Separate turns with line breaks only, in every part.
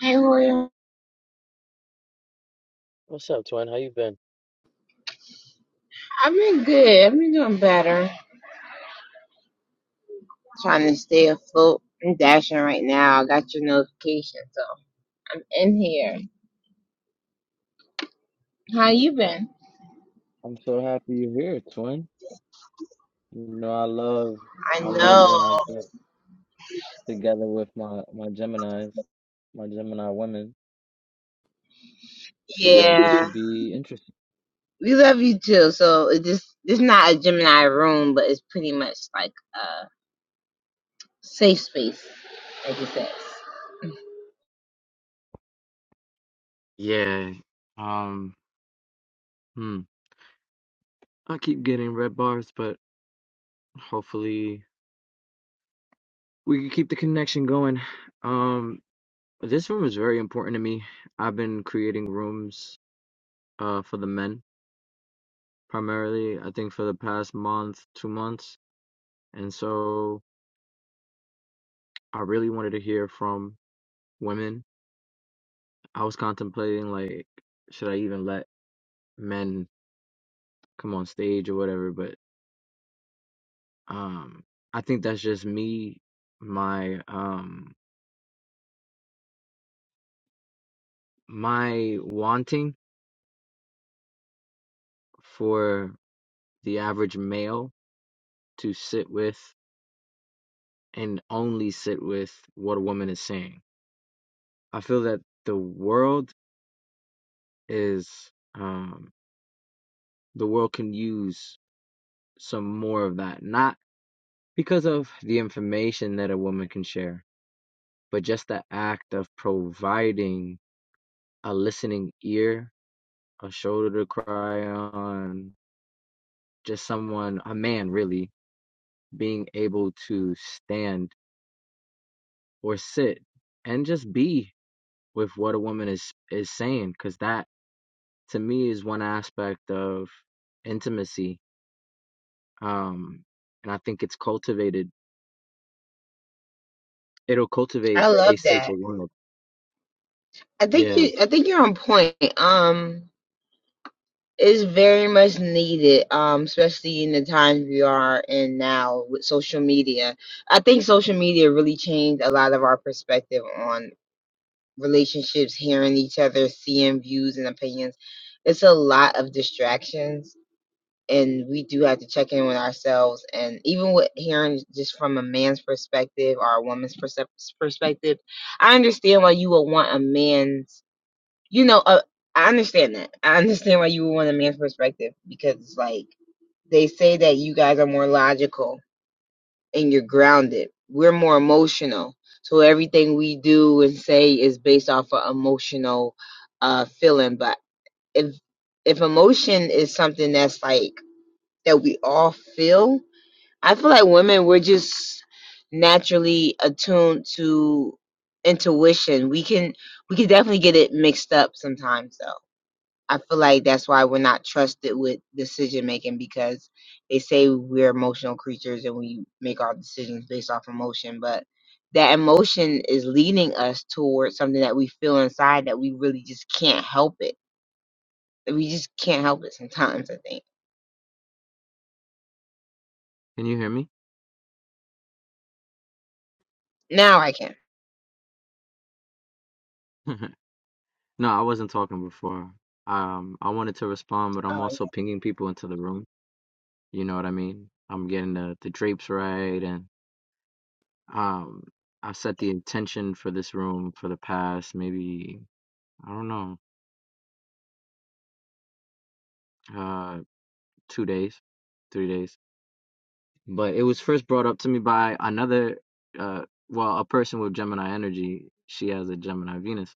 Hey, William.
What's up, twin? How you been?
I've been good. I've been doing better. Trying to stay afloat. I'm dashing right now. I got your notification, so I'm in here. How you been?
I'm so happy you're here, twin. You know, I love
I
I love
know.
when I get together with my my Geminis, my Gemini women. So this
Yeah.
should be interesting.
We love you too. So it just it's not a Gemini room, but it's pretty much like a safe space, like it says.
Yeah. Um, hmm. I keep getting red bars, but hopefully we can keep the connection going. Um, this room is very important to me. I've been creating rooms uh for the men primarily, I think for the past month, two months. And so I really wanted to hear from women. I was contemplating like, should I even let men come on stage or whatever, but um I think that's just me my um my wanting for the average male to sit with and only sit with what a woman is saying. I feel that the world is um the world can use some more of that. Not because of the information that a woman can share But just the act of providing a listening ear, a shoulder to cry on, just someone, a man really, being able to stand or sit and just be with what a woman is is saying cuz that to me is one aspect of intimacy um and I think it's cultivated it'll
I
cultivate
love
a
that.
safer world.
I think
Yeah.
you I think you're on point. Um It's very much needed, um, especially in the times we are in now with social media. I think social media really changed a lot of our perspective on relationships, hearing each other, seeing views and opinions. It's a lot of distractions, and we do have to check in with ourselves. And even with hearing just from a man's perspective or a woman's percep- perspective, I understand why you would want a man's you know, uh, I understand that. I understand why you would want a man's perspective because it's like they say that you guys are more logical and you're grounded. We're more emotional. So everything we do and say is based off of emotional uh feeling. But if if emotion is something that's like that we all feel, I feel like women we're just naturally attuned to intuition. We can we can definitely get it mixed up sometimes though. I feel like that's why we're not trusted with decision making because they say we're emotional creatures and we make our decisions based off emotion, but that emotion is leading us towards something that we feel inside that we really just can't help it. We just can't help it sometimes, I think.
Can you hear me?
Now I can.
No, I wasn't talking before. Um, I wanted to respond, but I'm also pinging people into the room. You know what I mean? I'm getting the, the drapes right, and um, I set the intention for this room for the past maybe, I don't know, uh, two days, three days. But it was first brought up to me by another, uh, well, a person with Gemini energy. She has a Gemini Venus,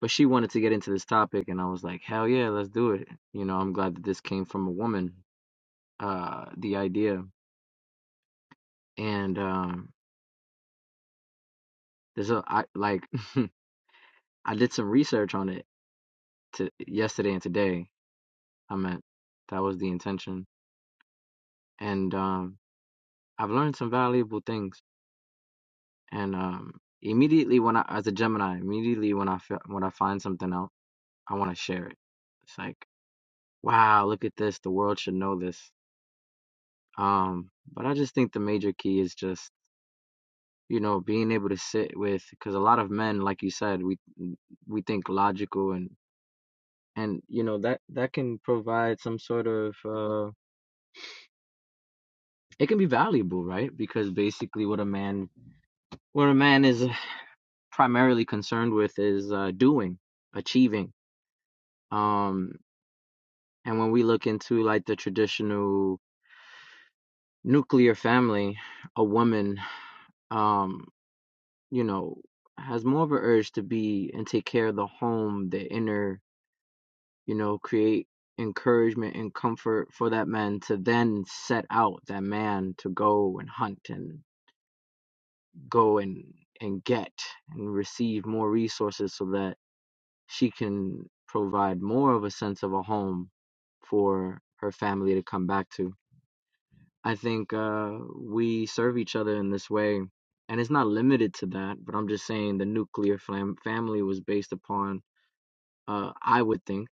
but she wanted to get into this topic, and I was like, hell yeah, let's do it. You know, I'm glad that this came from a woman uh the idea and um there's a I like I did some research on it to yesterday and today I meant that was the intention and um I've learned some valuable things and um immediately when I as a Gemini immediately when I fe- when I find something out I want to share it it's like wow look at this the world should know this um but I just think the major key is just you know being able to sit with because a lot of men like you said we we think logical and. and you know that that can provide some sort of uh it can be valuable right because basically what a man what a man is primarily concerned with is uh doing achieving um and when we look into like the traditional nuclear family a woman um you know has more of an urge to be and take care of the home the inner you know create encouragement and comfort for that man to then set out that man to go and hunt and go and and get and receive more resources so that she can provide more of a sense of a home for her family to come back to. I think uh, we serve each other in this way, and it's not limited to that. But I'm just saying the nuclear fam- family was based upon, uh, I would think,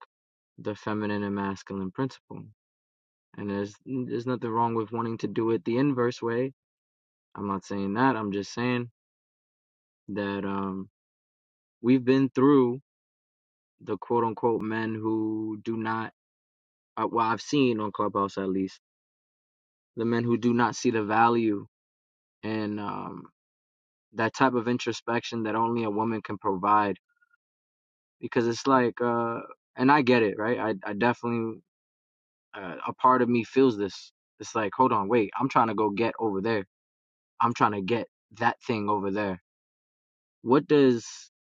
the feminine and masculine principle. And there's there's nothing wrong with wanting to do it the inverse way. I'm not saying that. I'm just saying that um, we've been through the quote unquote men who do not uh, well I've seen on Clubhouse at least the men who do not see the value in um, that type of introspection that only a woman can provide because it's like uh, and I get it right I I definitely uh, a part of me feels this it's like hold on wait I'm trying to go get over there I'm trying to get that thing over there what does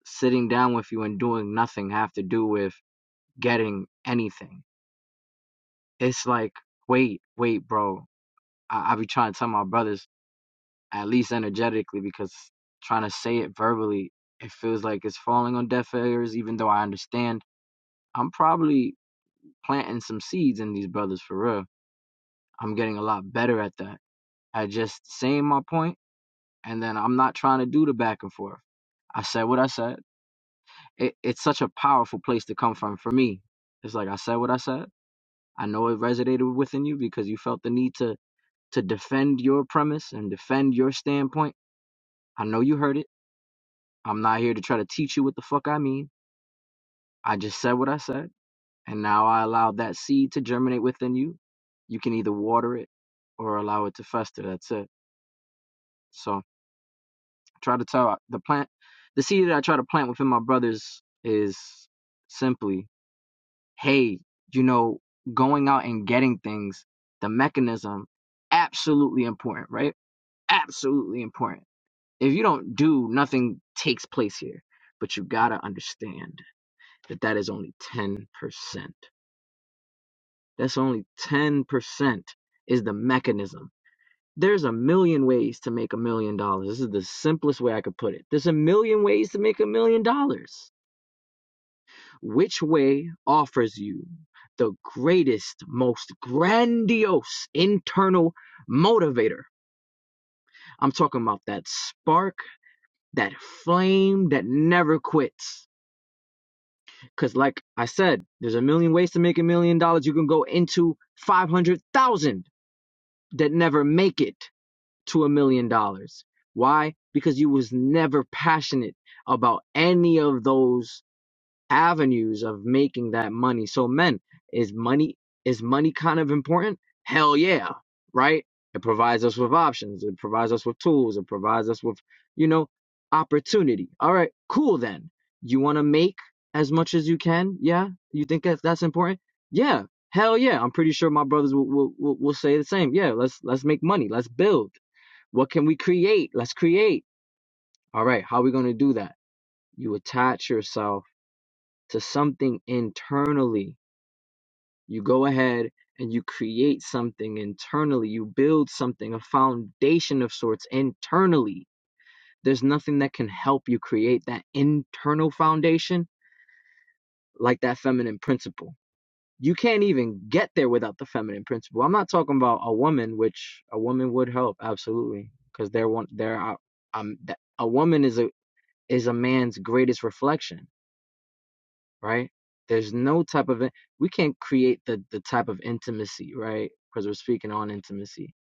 sitting down with you and doing nothing have to do with getting anything it's like wait wait bro I, I be trying to tell my brothers at least energetically because trying to say it verbally, it feels like it's falling on deaf ears. Even though I understand, I'm probably planting some seeds in these brothers for real. I'm getting a lot better at that. At just saying my point, and then I'm not trying to do the back and forth. I said what I said. It, it's such a powerful place to come from for me. It's like I said what I said. I know it resonated within you because you felt the need to to defend your premise and defend your standpoint. I know you heard it. I'm not here to try to teach you what the fuck I mean. I just said what I said, and now I allowed that seed to germinate within you. You can either water it or allow it to fester. That's it. So I try to tell the plant, the seed that I try to plant within my brothers is simply, hey, you know, going out and getting things, the mechanism, absolutely important, right? Absolutely important. If you don't do, nothing takes place here. But you gotta understand. that that is only 10%. That's only 10% is the mechanism. There's a million ways to make a million dollars. This is the simplest way I could put it. There's a million ways to make a million dollars. Which way offers you the greatest, most grandiose internal motivator? I'm talking about that spark, that flame that never quits. Because, like I said, there's a million ways to make a million dollars. You can go into 500,000 that never make it to a million dollars. Why? Because you was never passionate about any of those avenues of making that money. So men, is money is money kind of important? Hell yeah, right? It provides us with options, it provides us with tools, it provides us with, you know, opportunity. All right, cool then. You want to make as much as you can? Yeah? You think that that's important? Yeah. Hell yeah. I'm pretty sure my brothers will will, will, will say the same. Yeah, let's let's make money. Let's build. What can we create? Let's create. All right, how are we going to do that? You attach yourself to something internally. You go ahead and you create something internally. You build something, a foundation of sorts internally. There's nothing that can help you create that internal foundation like that feminine principle. You can't even get there without the feminine principle. I'm not talking about a woman, which a woman would help absolutely, because they're one. They're uh, um, a woman is a is a man's greatest reflection right? There's no type of we can't create the the type of intimacy, right? Because we're speaking on intimacy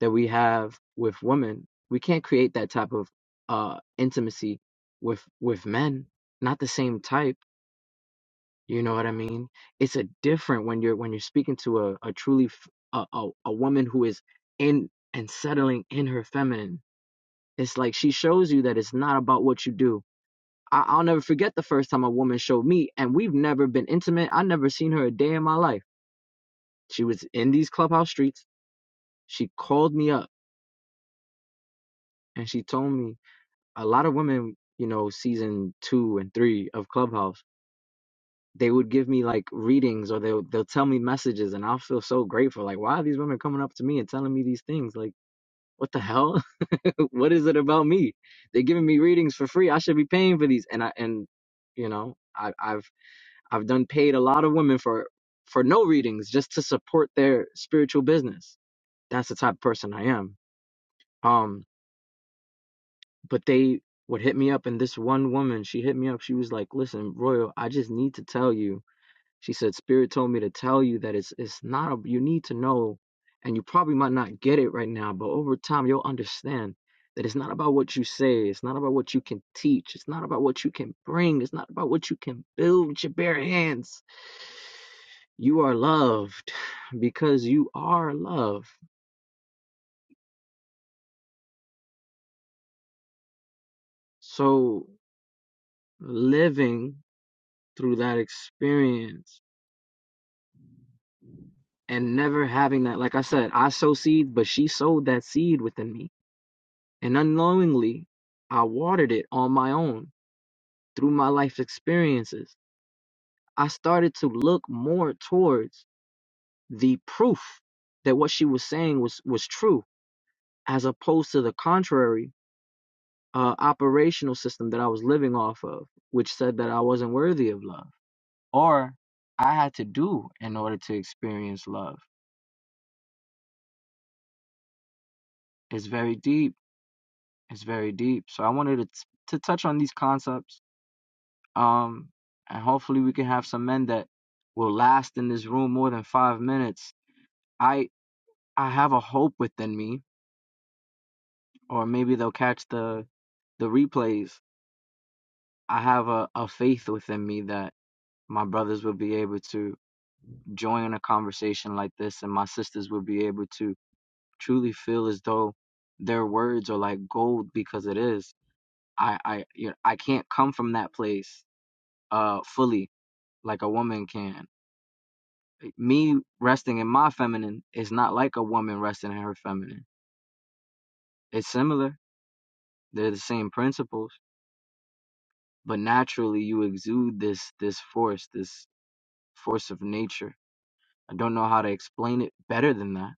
that we have with women. We can't create that type of uh intimacy with with men. Not the same type. You know what I mean? It's a different when you're when you're speaking to a a truly f- a a, a woman who is in and settling in her feminine. It's like she shows you that it's not about what you do I, I'll never forget the first time a woman showed me, and we've never been intimate. I never seen her a day in my life. She was in these clubhouse streets. She called me up and she told me a lot of women, you know, season two and three of Clubhouse, they would give me like readings or they'll they'll tell me messages, and I'll feel so grateful. Like, why are these women coming up to me and telling me these things? Like, what the hell? what is it about me? They're giving me readings for free. I should be paying for these, and I and you know, I I've I've done paid a lot of women for for no readings just to support their spiritual business. That's the type of person I am. Um, but they would hit me up, and this one woman, she hit me up. She was like, "Listen, Royal, I just need to tell you." She said, Spirit told me to tell you that it's it's not a you need to know and you probably might not get it right now, but over time you'll understand that it's not about what you say, it's not about what you can teach, it's not about what you can bring, it's not about what you can build with your bare hands. You are loved because you are love. So living through that experience and never having that, like I said, I sow seed, but she sowed that seed within me And unknowingly, I watered it on my own through my life experiences. I started to look more towards the proof that what she was saying was, was true, as opposed to the contrary uh, operational system that I was living off of, which said that I wasn't worthy of love or I had to do in order to experience love. It's very deep. It's very deep. So I wanted to, t- to touch on these concepts Um, and hopefully we can have some men that will last in this room more than five minutes. I I have a hope within me, or maybe they'll catch the the replays. I have a, a faith within me that my brothers will be able to join a conversation like this and my sisters will be able to truly feel as though their words are like gold because it is. I I you know, I can't come from that place uh fully like a woman can me resting in my feminine is not like a woman resting in her feminine. It's similar. They're the same principles, but naturally you exude this this force, this force of nature. I don't know how to explain it better than that,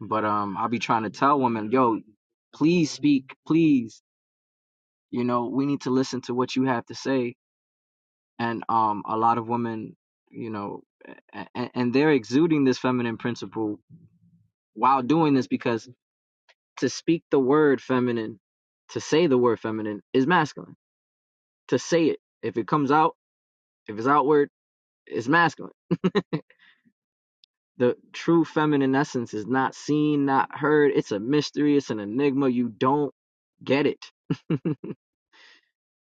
but um I'll be trying to tell women, "Yo, please speak, please. You know, we need to listen to what you have to say." And um a lot of women, you know, and, and they're exuding this feminine principle while doing this because To speak the word feminine, to say the word feminine is masculine. To say it, if it comes out, if it's outward, it's masculine. The true feminine essence is not seen, not heard. It's a mystery, it's an enigma. You don't get it.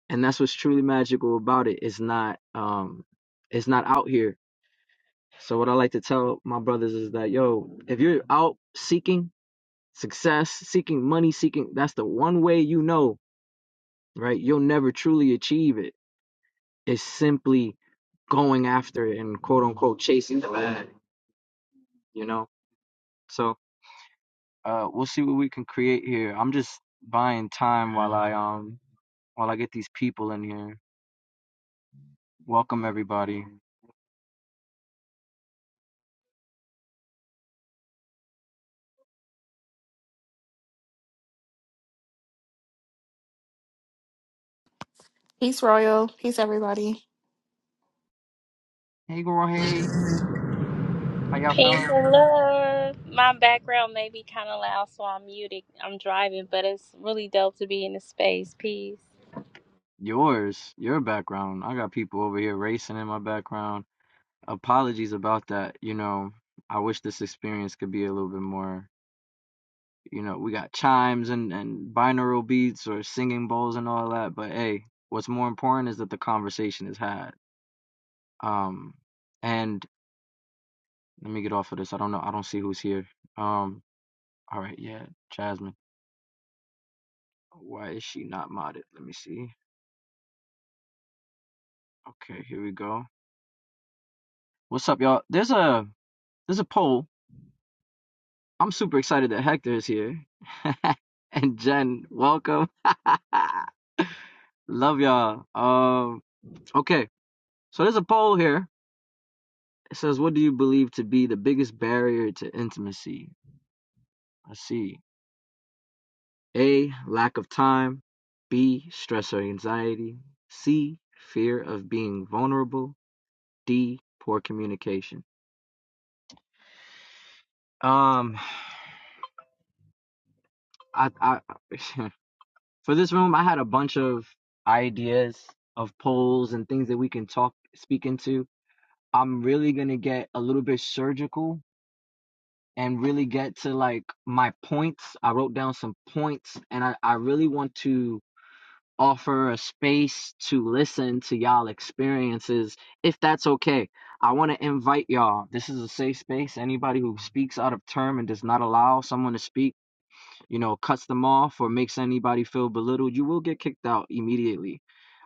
and that's what's truly magical about it. It's not um it's not out here. So what I like to tell my brothers is that yo, if you're out seeking success, seeking money, seeking that's the one way you know, right? You'll never truly achieve it is simply going after it and quote unquote chasing the bag, you know. So uh, we'll see what we can create here. I'm just buying time while I um while I get these people in here. Welcome everybody.
Peace, Royal. Peace, everybody.
Hey girl, hey, how y'all
Peace
feeling?
and love. My background may be kind of loud, so I'm muted. I'm driving, but it's really dope to be in the space. Peace.
Yours, your background. I got people over here racing in my background. apologies about that. You know, I wish this experience could be a little bit more. You know, we got chimes and and binaural beats or singing bowls and all that, but hey, what's more important is that the conversation is had. Um, and let me get off of this. I don't know. I don't see who's here. Um, all right, yeah, Jasmine. Why is she not modded? Let me see. Okay, here we go. What's up, y'all? There's a there's a poll. I'm super excited that Hector is here. and Jen, welcome. Love y'all. Um, okay. So there's a poll here. It says, What do you believe to be the biggest barrier to intimacy? Let's see. A, lack of time. B, stress or anxiety. C, fear of being vulnerable. D, poor communication. Um, I, I, for this room, I had a bunch of ideas of polls and things that we can talk, speak into. I'm really going to get a little bit surgical and really get to like my points. I wrote down some points and I, I really want to offer a space to listen to y'all experiences if that's okay. I want to invite y'all. This is a safe space. Anybody who speaks out of term and does not allow someone to speak, you know, cuts them off or makes anybody feel belittled, you will get kicked out immediately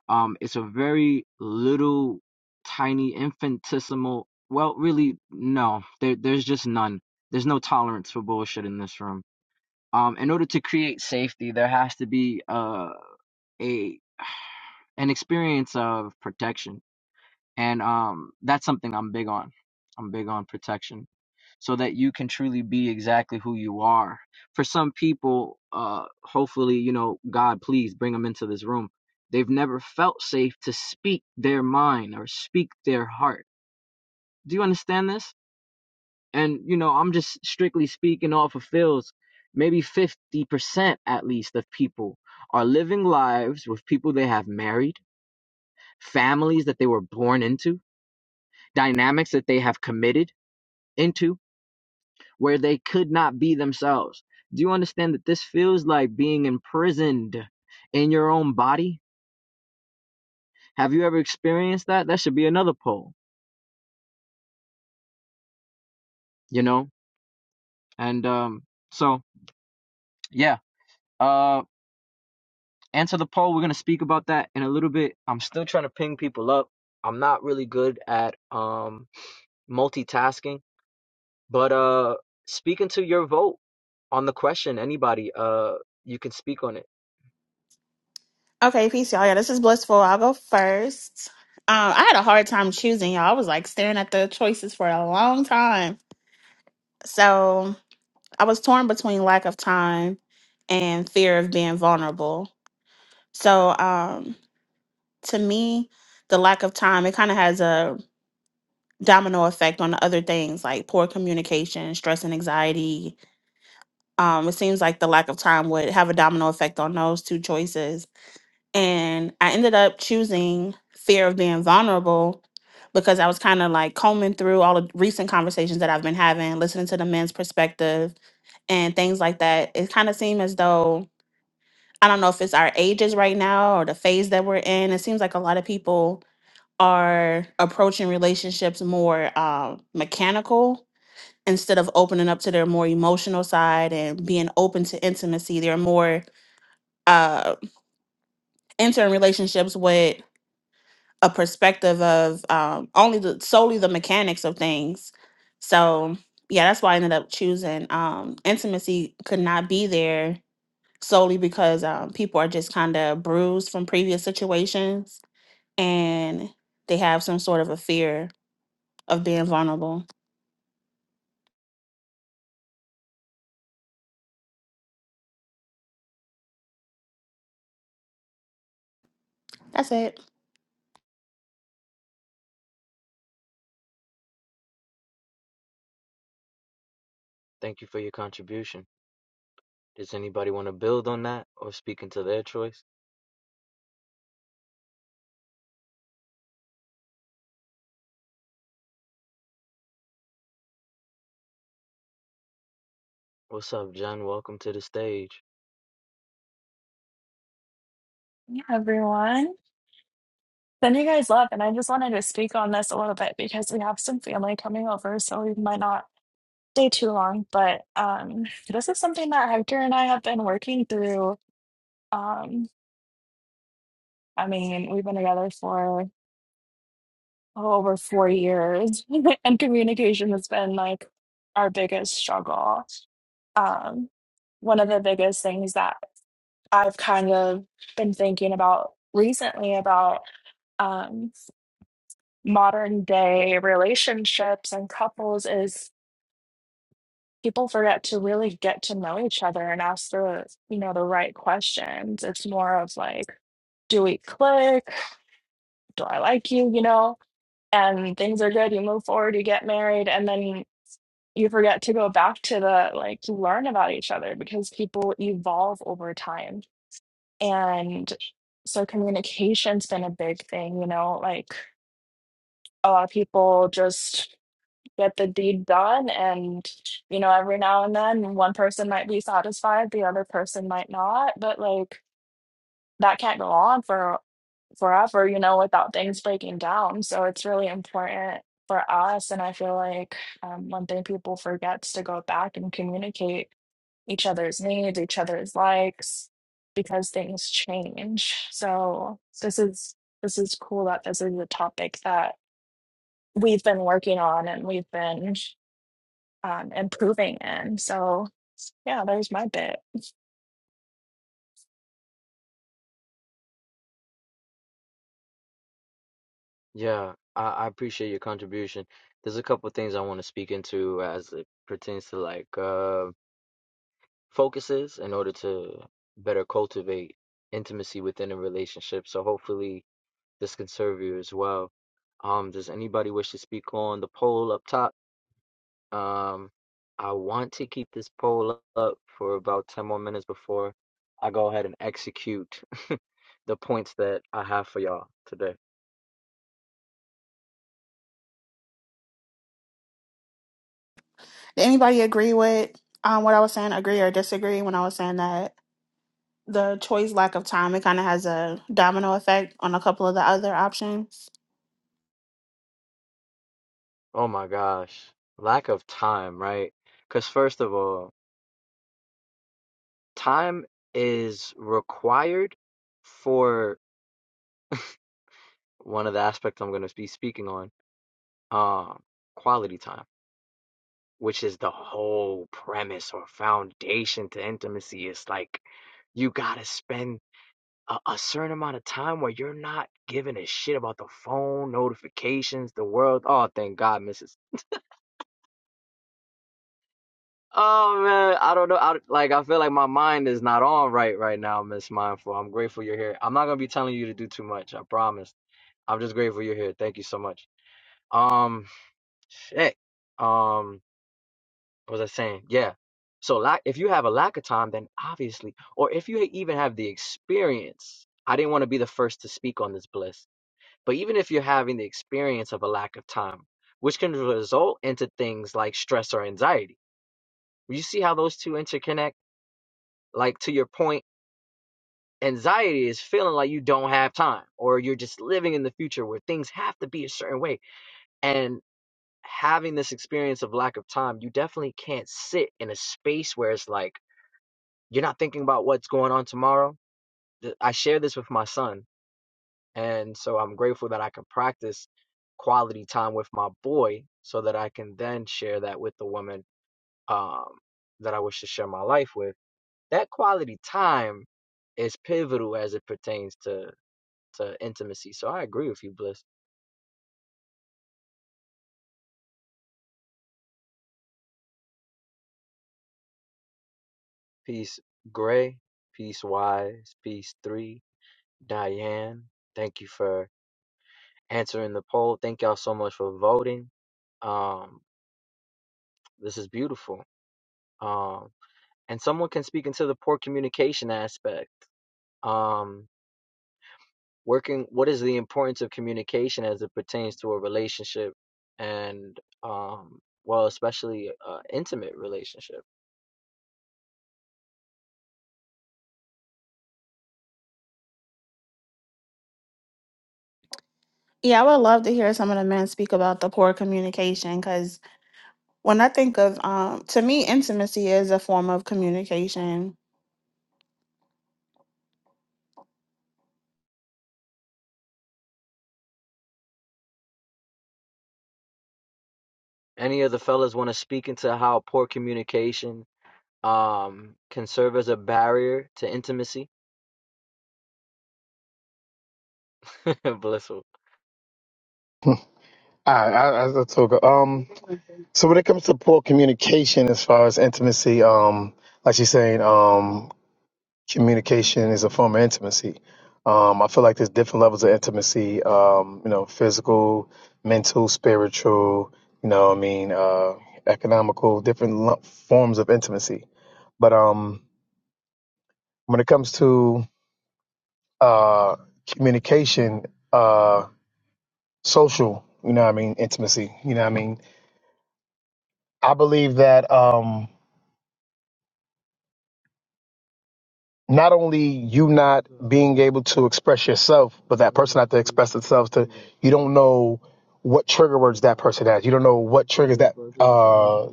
um, it's a very little, tiny, infinitesimal. Well, really, no. There, there's just none. There's no tolerance for bullshit in this room. Um, in order to create safety, there has to be uh, a an experience of protection and um that's something I'm big on. I'm big on protection so that you can truly be exactly who you are. For some people, uh hopefully, you know, God please bring them into this room. They've never felt safe to speak their mind or speak their heart. Do you understand this? And you know, I'm just strictly speaking off of Phil's maybe 50% at least of people are living lives with people they have married, families that they were born into, dynamics that they have committed into where they could not be themselves. Do you understand that this feels like being imprisoned in your own body? Have you ever experienced that? That should be another poll, you know? And um so yeah, uh answer the poll. We're going to speak about that in a little bit. I'm still trying to ping people up. I'm not really good at um multitasking, but uh speaking to your vote on the question anybody uh you can speak on it.
Okay, peace, y'all. Yeah, this is Blissful. I'll go first. Um, I had a hard time choosing, y'all. I was like staring at the choices for a long time. So I was torn between lack of time and fear of being vulnerable. So um, to me, the lack of time, it kind of has a domino effect on the other things like poor communication, stress and anxiety. Um, it seems like the lack of time would have a domino effect on those two choices And I ended up choosing fear of being vulnerable because I was kind of like combing through all the recent conversations that I've been having, listening to the men's perspective and things like that. It kind of seemed as though, I don't know if it's our ages right now or the phase that we're in, it seems like a lot of people are approaching relationships more um, mechanical instead of opening up to their more emotional side and being open to intimacy. They're more uh, entering relationships with a perspective of um, only the solely the mechanics of things. So yeah, that's why I ended up choosing um, intimacy could not be there solely because um, people are just kind of bruised from previous situations and they have some sort of a fear of being vulnerable. That's it.
Thank you for your contribution. Does anybody want to build on that or speak into their choice? What's up, Jen? Welcome to the stage.
Hey, everyone. The you, guys love, and I just wanted to speak on this a little bit because we have some family coming over, so we might not stay too long. But um, this is something that Hector and I have been working through. Um, I mean, we've been together for oh, over four years, and communication has been like our biggest struggle. Um, one of the biggest things that I've kind of been thinking about recently about. Um, modern day relationships and couples is people forget to really get to know each other and ask the you know the right questions it's more of like do we click do i like you you know and things are good you move forward you get married and then you forget to go back to the like to learn about each other because people evolve over time and so communication's been a big thing you know like a lot of people just get the deed done. And, you know, every now and then one person might be satisfied, the other person might not. But like that can't go on for forever, you know, without things breaking down. So it's really important for us. And I feel like um, one thing people forget is to go back and communicate each other's needs, each other's likes, because things change. So this is this is cool that this is a topic that we've been working on and we've been um, improving in. So yeah, there's my bit.
Yeah, I, I appreciate your contribution. There's a couple of things I want to speak into as it pertains to like uh, focuses in order to better cultivate intimacy within a relationship. So hopefully this can serve you as well. Um, does anybody wish to speak on the poll up top? Um, I want to keep this poll up for about 10 more minutes before I go ahead and execute the points that I have for y'all today.
Did anybody agree with um, what I was saying? Agree or disagree when I was saying that the choice lack of time it kind of has a domino effect on a couple of the other options?
Oh my gosh. Lack of time, right? Because, first of all, time is required for one of the aspects I'm going to be speaking on, um, quality time, which is the whole premise or foundation to intimacy. It's like you got to spend a, a certain amount of time where you're not giving a shit about the phone notifications, the world. Oh, thank God, Mrs. Oh man, I don't know. I, like I feel like my mind is not on right right now, Miss Mindful. I'm grateful you're here. I'm not gonna be telling you to do too much. I promise. I'm just grateful you're here. Thank you so much. Um, shit. Um, what was I saying? Yeah. So, lack if you have a lack of time, then obviously, or if you even have the experience, I didn't want to be the first to speak on this bliss But even if you're having the experience of a lack of time, which can result into things like stress or anxiety. You see how those two interconnect? Like to your point, anxiety is feeling like you don't have time or you're just living in the future where things have to be a certain way. And having this experience of lack of time, you definitely can't sit in a space where it's like you're not thinking about what's going on tomorrow. Th- I share this with my son And so I'm grateful that I can practice quality time with my boy so that I can then share that with the woman um, that I wish to share my life with. That quality time is pivotal as it pertains to, to intimacy. So I agree with you, Bliss. Peace, Gray. Peace, Wise. Peace, Three. Diane, thank you for answering the poll. Thank y'all so much for voting. Um, this is beautiful. Um, and someone can speak into the poor communication aspect um working what is the importance of communication as it pertains to a relationship and um well especially uh intimate relationship
Yeah, I would love to hear some of the men speak about the poor communication because when I think of, um, to me, intimacy is a form of communication.
any of the fellas want to speak into how poor communication um can serve as a barrier to intimacy blissful
I, I, I that's so Um, so when it comes to poor communication, as far as intimacy, um, like she's saying, um, communication is a form of intimacy. Um, I feel like there's different levels of intimacy. Um, you know, physical, mental, spiritual. You know, what I mean, uh, economical, different lo- forms of intimacy. But um, when it comes to uh, communication, uh, social. You know, what I mean, intimacy. You know, what I mean, I believe that. Um, not only you not being able to express yourself, but that person have to express themselves to you don't know what trigger words that person has. You don't know what triggers that uh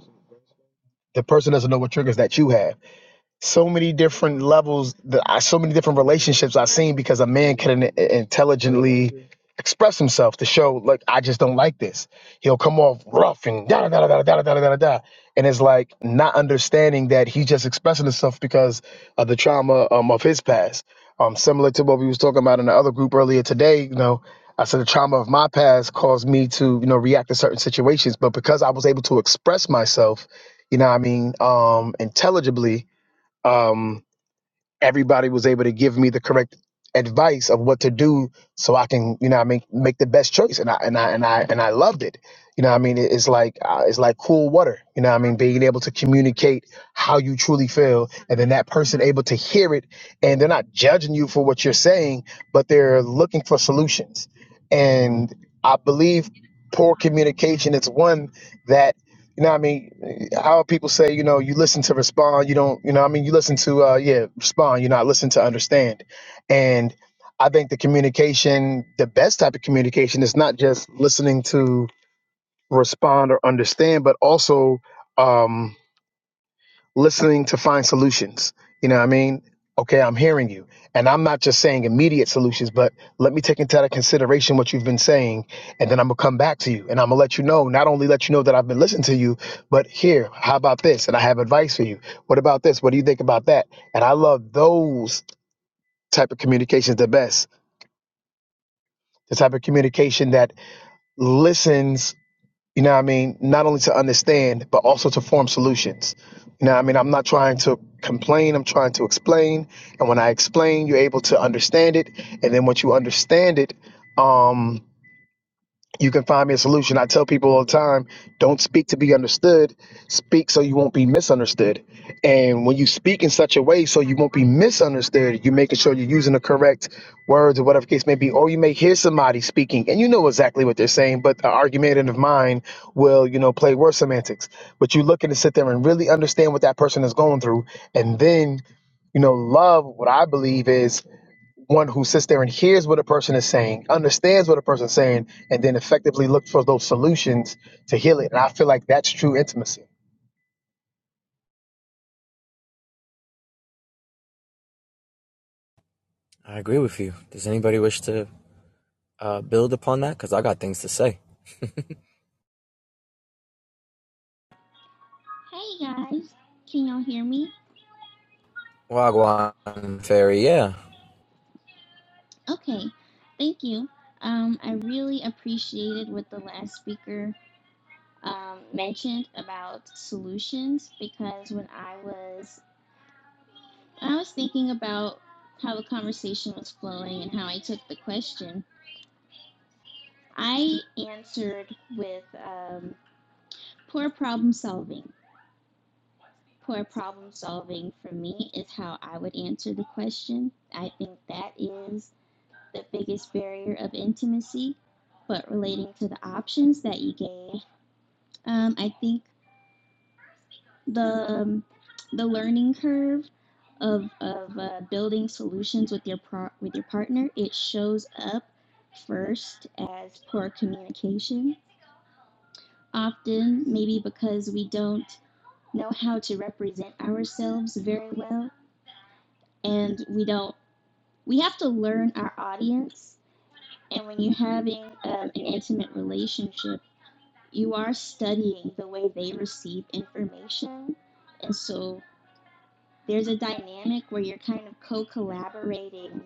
the person doesn't know what triggers that you have so many different levels that I, so many different relationships I've seen because a man can in- intelligently express himself to show like I just don't like this. He'll come off rough and da da da da da da da da da da, and it's like not understanding that he's just expressing himself because of the trauma um, of his past. Um, similar to what we was talking about in the other group earlier today, you know. I said the trauma of my past caused me to, you know, react to certain situations, but because I was able to express myself, you know, what I mean, um, intelligibly, um, everybody was able to give me the correct advice of what to do so I can, you know, what I make make the best choice. And I and I and I and I loved it. You know, what I mean, it's like uh, it's like cool water. You know, what I mean, being able to communicate how you truly feel, and then that person able to hear it, and they're not judging you for what you're saying, but they're looking for solutions. And I believe poor communication is one that you know what I mean? How people say, you know, you listen to respond, you don't, you know, what I mean, you listen to, uh, yeah, respond, you're not listening to understand. And I think the communication, the best type of communication is not just listening to respond or understand, but also, um, listening to find solutions. You know what I mean? Okay, I'm hearing you. And I'm not just saying immediate solutions, but let me take into consideration what you've been saying. And then I'm going to come back to you and I'm going to let you know, not only let you know that I've been listening to you, but here, how about this? And I have advice for you. What about this? What do you think about that? And I love those type of communications the best. The type of communication that listens you know what I mean? Not only to understand, but also to form solutions. You know what I mean? I'm not trying to complain, I'm trying to explain. And when I explain, you're able to understand it. And then once you understand it, um you can find me a solution. I tell people all the time, don't speak to be understood. Speak so you won't be misunderstood. And when you speak in such a way so you won't be misunderstood, you're making sure you're using the correct words or whatever case may be. Or you may hear somebody speaking and you know exactly what they're saying, but the argumentative mind will, you know, play word semantics. But you're looking to sit there and really understand what that person is going through. And then, you know, love, what I believe is one who sits there and hears what a person is saying, understands what a person's saying, and then effectively looks for those solutions to heal it. And I feel like that's true intimacy.
I agree with you. Does anybody wish to uh, build upon that? Because I got things to say.
Hey guys, can y'all hear me?
Wagwan fairy, yeah.
Okay, thank you. Um, I really appreciated what the last speaker um, mentioned about solutions because when I was I was thinking about how the conversation was flowing and how I took the question, I answered with um, poor problem solving. Poor problem solving for me is how I would answer the question. I think that is the biggest barrier of intimacy, but relating to the options that you gave, um, I think the um, the learning curve of of uh, building solutions with your pro- with your partner it shows up first as poor communication. Often, maybe because we don't know how to represent ourselves very well, and we don't we have to learn our audience. And when you're having um, an intimate relationship, you are studying the way they receive information. And so there's a dynamic where you're kind of co collaborating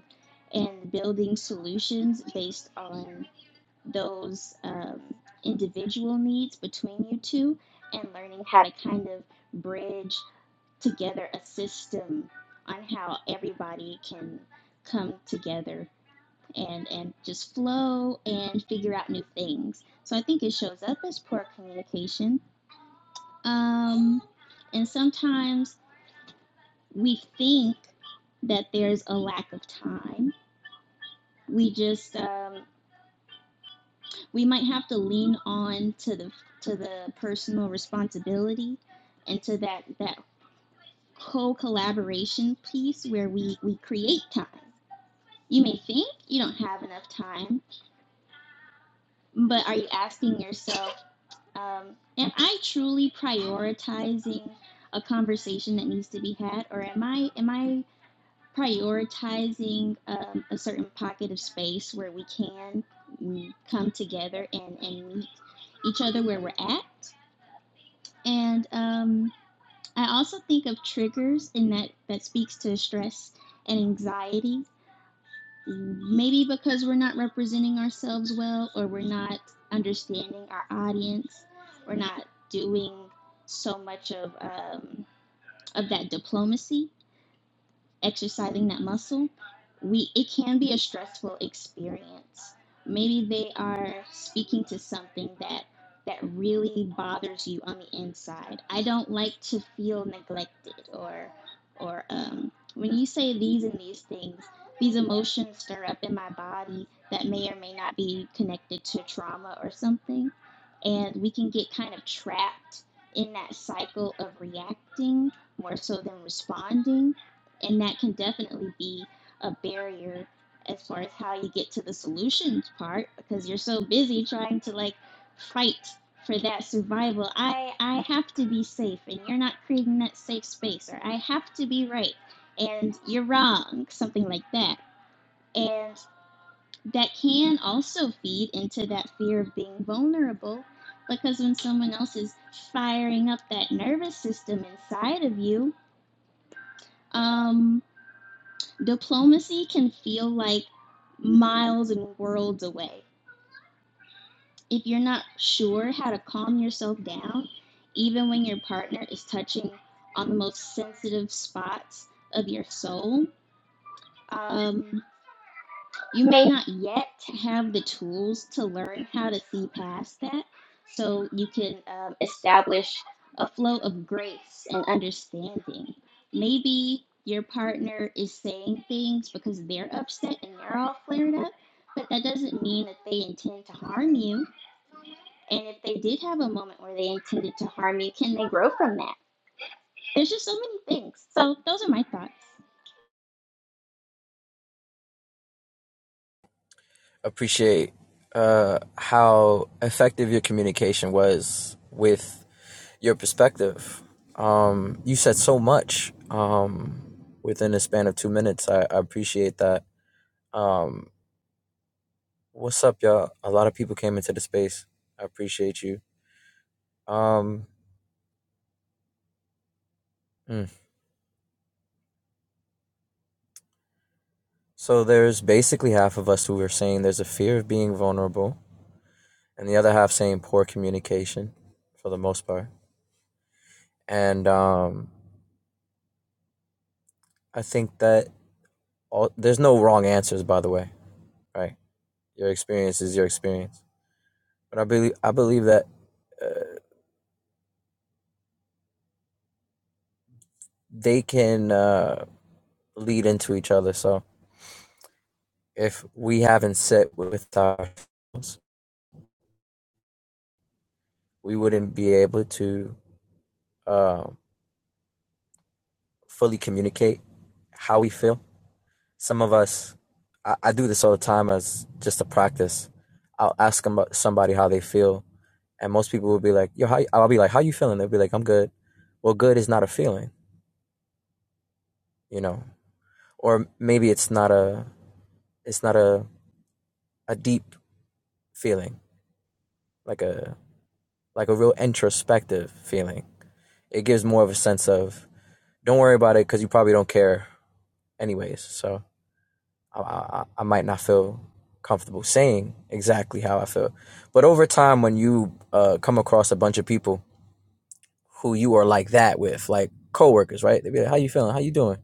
and building solutions based on those um, individual needs between you two and learning how to kind of bridge together a system on how everybody can come together and, and just flow and figure out new things. So I think it shows up as poor communication um, and sometimes we think that there's a lack of time. We just um, we might have to lean on to the to the personal responsibility and to that that co-collaboration piece where we we create time. You may think you don't have enough time, but are you asking yourself, um, am I truly prioritizing a conversation that needs to be had, or am I am I prioritizing um, a certain pocket of space where we can mm, come together and, and meet each other where we're at. And um, I also think of triggers, and that, that speaks to stress and anxiety. Maybe because we're not representing ourselves well, or we're not understanding our audience, we're not doing so much of um, of that diplomacy exercising that muscle, we it can be a stressful experience. Maybe they are speaking to something that that really bothers you on the inside. I don't like to feel neglected or or um, when you say these and these things, these emotions stir up in my body that may or may not be connected to trauma or something. And we can get kind of trapped in that cycle of reacting more so than responding and that can definitely be a barrier as far as how you get to the solutions part because you're so busy trying to like fight for that survival i i have to be safe and you're not creating that safe space or i have to be right and you're wrong something like that and that can also feed into that fear of being vulnerable because when someone else is firing up that nervous system inside of you um. Diplomacy can feel like miles and worlds away. If you're not sure how to calm yourself down, even when your partner is touching on the most sensitive spots of your soul, um, You may not yet have the tools to learn how to see past that, so you can um, establish a flow of grace and understanding. Maybe your partner is saying things because they're upset and they're all flared up, but that doesn't mean that they intend to harm you. And if they did have a moment where they intended to harm you, can they grow from that? There's just so many things. So, those are my thoughts.
appreciate uh, how effective your communication was with your perspective. Um, you said so much um, within the span of two minutes. I, I appreciate that. Um, what's up, y'all? A lot of people came into the space. I appreciate you. Um, mm. So there's basically half of us who are saying there's a fear of being vulnerable, and the other half saying poor communication, for the most part. And um, I think that all there's no wrong answers by the way right your experience is your experience but i believe i believe that uh, they can uh, lead into each other so if we haven't sit with ourselves we wouldn't be able to uh, fully communicate how we feel some of us I, I do this all the time as just a practice i'll ask them about somebody how they feel and most people will be like yo how, i'll be like how you feeling they'll be like i'm good well good is not a feeling you know or maybe it's not a it's not a a deep feeling like a like a real introspective feeling. It gives more of a sense of don't worry about it because you probably don't care anyways. So I, I I might not feel comfortable saying exactly how I feel, but over time when you uh, come across a bunch of people who you are like that with, like coworkers, right? They be like, "How you feeling? How you doing?"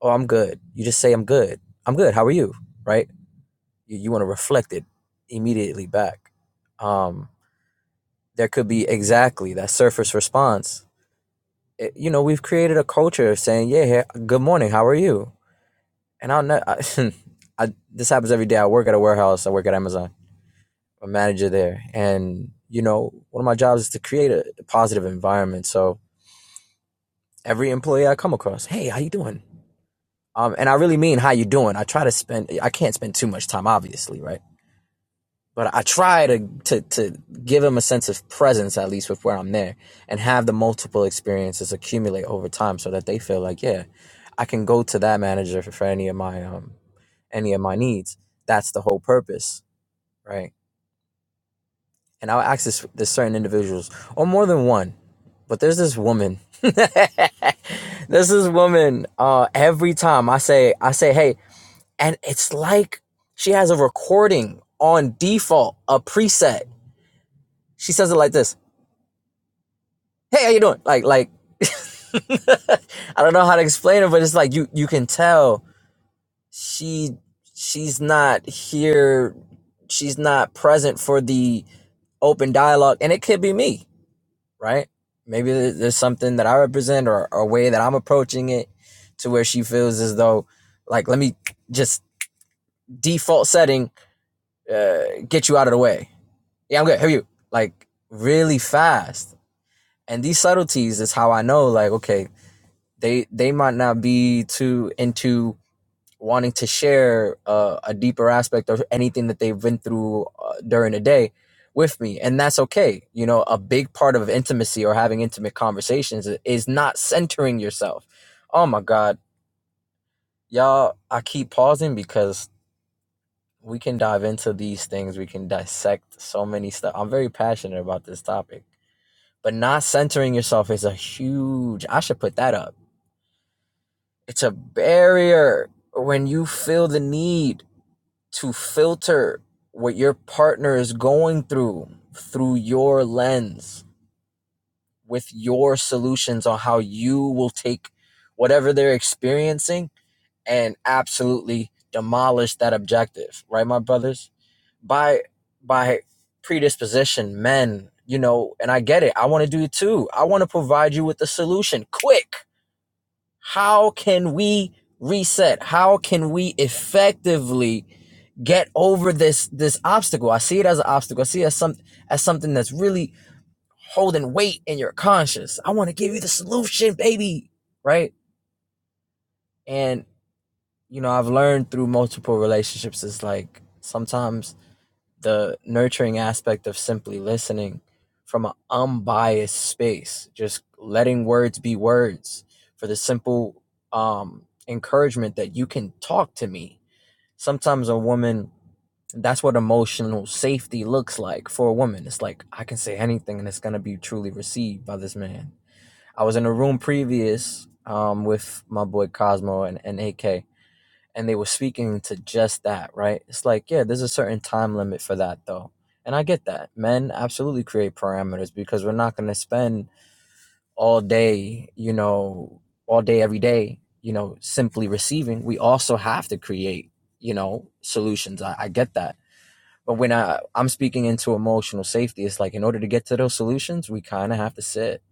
"Oh, I'm good." You just say, "I'm good. I'm good. How are you?" Right? you, you want to reflect it immediately back um there could be exactly that surface response It- you know we've created a culture of saying yeah he- good morning how are you and i'll know I, I this happens every day i work at a warehouse i work at amazon I'm a manager there and you know one of my jobs is to create a positive environment so every employee i come across hey how you doing um, and I really mean how you doing. I try to spend. I can't spend too much time, obviously, right? but I try to to to give him a sense of presence at least with where I'm there and have the multiple experiences accumulate over time so that they feel like yeah, I can go to that manager for, for any of my um any of my needs. That's the whole purpose, right? And I'll ask this this certain individuals or more than one, but there's this woman. there's this woman. Uh, every time I say I say hey, and it's like she has a recording on default, a preset. She says it like this. hey how you doing like like i don't know how to explain it but it's like you you can tell she she's not here she's not present for the open dialogue and it could be me right maybe there's something that i represent or or a way that i'm approaching it to where she feels as though like let me just default setting uh get you out of the way yeah i'm good how are you like really fast and these subtleties is how i know like okay they they might not be too into wanting to share uh, a deeper aspect of anything that they've been through uh, during the day with me and that's okay you know a big part of intimacy or having intimate conversations is not centering yourself oh my god y'all i keep pausing because we can dive into these things we can dissect so many stuff i'm very passionate about this topic but not centering yourself is a huge i should put that up It's a barrier when you feel the need to filter what your partner is going through through your lens with your solutions on how you will take whatever they're experiencing and absolutely demolish that objective right my brothers by by predisposition men you know and i get it i want to do it too i want to provide you with the solution quick how can we reset? How can we effectively get over this this obstacle? I see it as an obstacle. I see it as some as something that's really holding weight in your conscience. I want to give you the solution, baby. Right? And you know, I've learned through multiple relationships is like sometimes the nurturing aspect of simply listening from an unbiased space, just letting words be words for the simple um, encouragement that you can talk to me. Sometimes a woman, that's what emotional safety looks like for a woman. It's like, I can say anything and it's going to be truly received by this man. I was in a room previous um, with my boy Cosmo and, and AK, and they were speaking to just that, right? It's like, yeah, there's a certain time limit for that though. And I get that. Men absolutely create parameters because we're not going to spend all day, you know, all day every day, you know, simply receiving. We also have to create, you know, solutions. I, I get that. But when I, I'm speaking into emotional safety, it's like in order to get to those solutions, we kind of have to sit.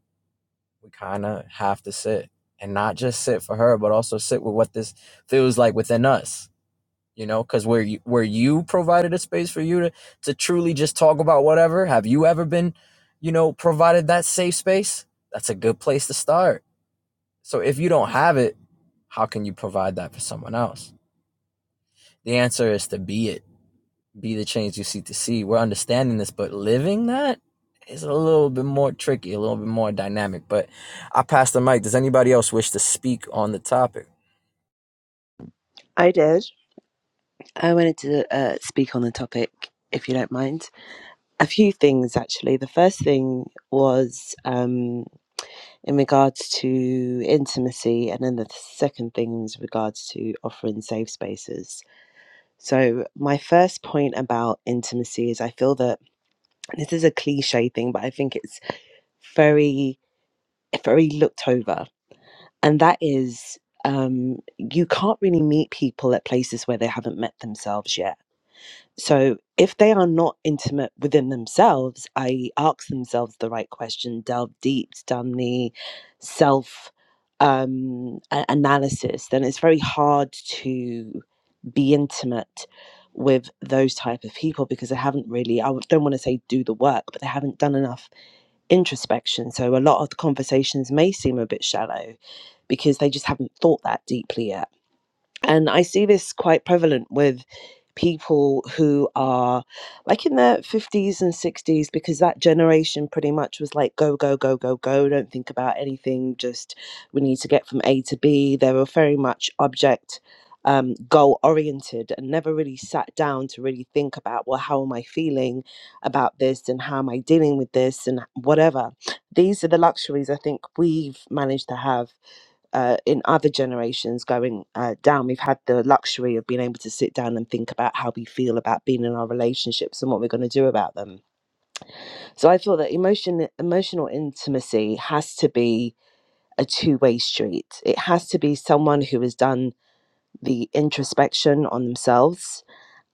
We kind of have to sit and not just sit for her, but also sit with what this feels like within us you know because where you where you provided a space for you to to truly just talk about whatever have you ever been you know provided that safe space that's a good place to start so if you don't have it how can you provide that for someone else the answer is to be it be the change you seek to see we're understanding this but living that is a little bit more tricky a little bit more dynamic but i pass the mic does anybody else wish to speak on the topic
I did. I wanted to uh, speak on the topic, if you don't mind. A few things, actually. The first thing was um, in regards to intimacy, and then the second thing was regards to offering safe spaces. So, my first point about intimacy is I feel that this is a cliche thing, but I think it's very, very looked over. And that is, um, you can't really meet people at places where they haven't met themselves yet So if they are not intimate within themselves, i.e., ask themselves the right question, delve deep, done the self um, a- analysis, then it's very hard to be intimate with those type of people because they haven't really i don't want to say do the work but they haven't done enough introspection so a lot of the conversations may seem a bit shallow because they just haven't thought that deeply yet and I see this quite prevalent with people who are like in their 50s and 60s because that generation pretty much was like go go go go go don't think about anything just we need to get from a to b they were very much object um, goal oriented and never really sat down to really think about well how am i feeling about this and how am i dealing with this and whatever these are the luxuries i think we've managed to have uh, in other generations going uh, down, we've had the luxury of being able to sit down and think about how we feel about being in our relationships and what we're going to do about them. So I feel that emotion, emotional intimacy has to be a two-way street. It has to be someone who has done the introspection on themselves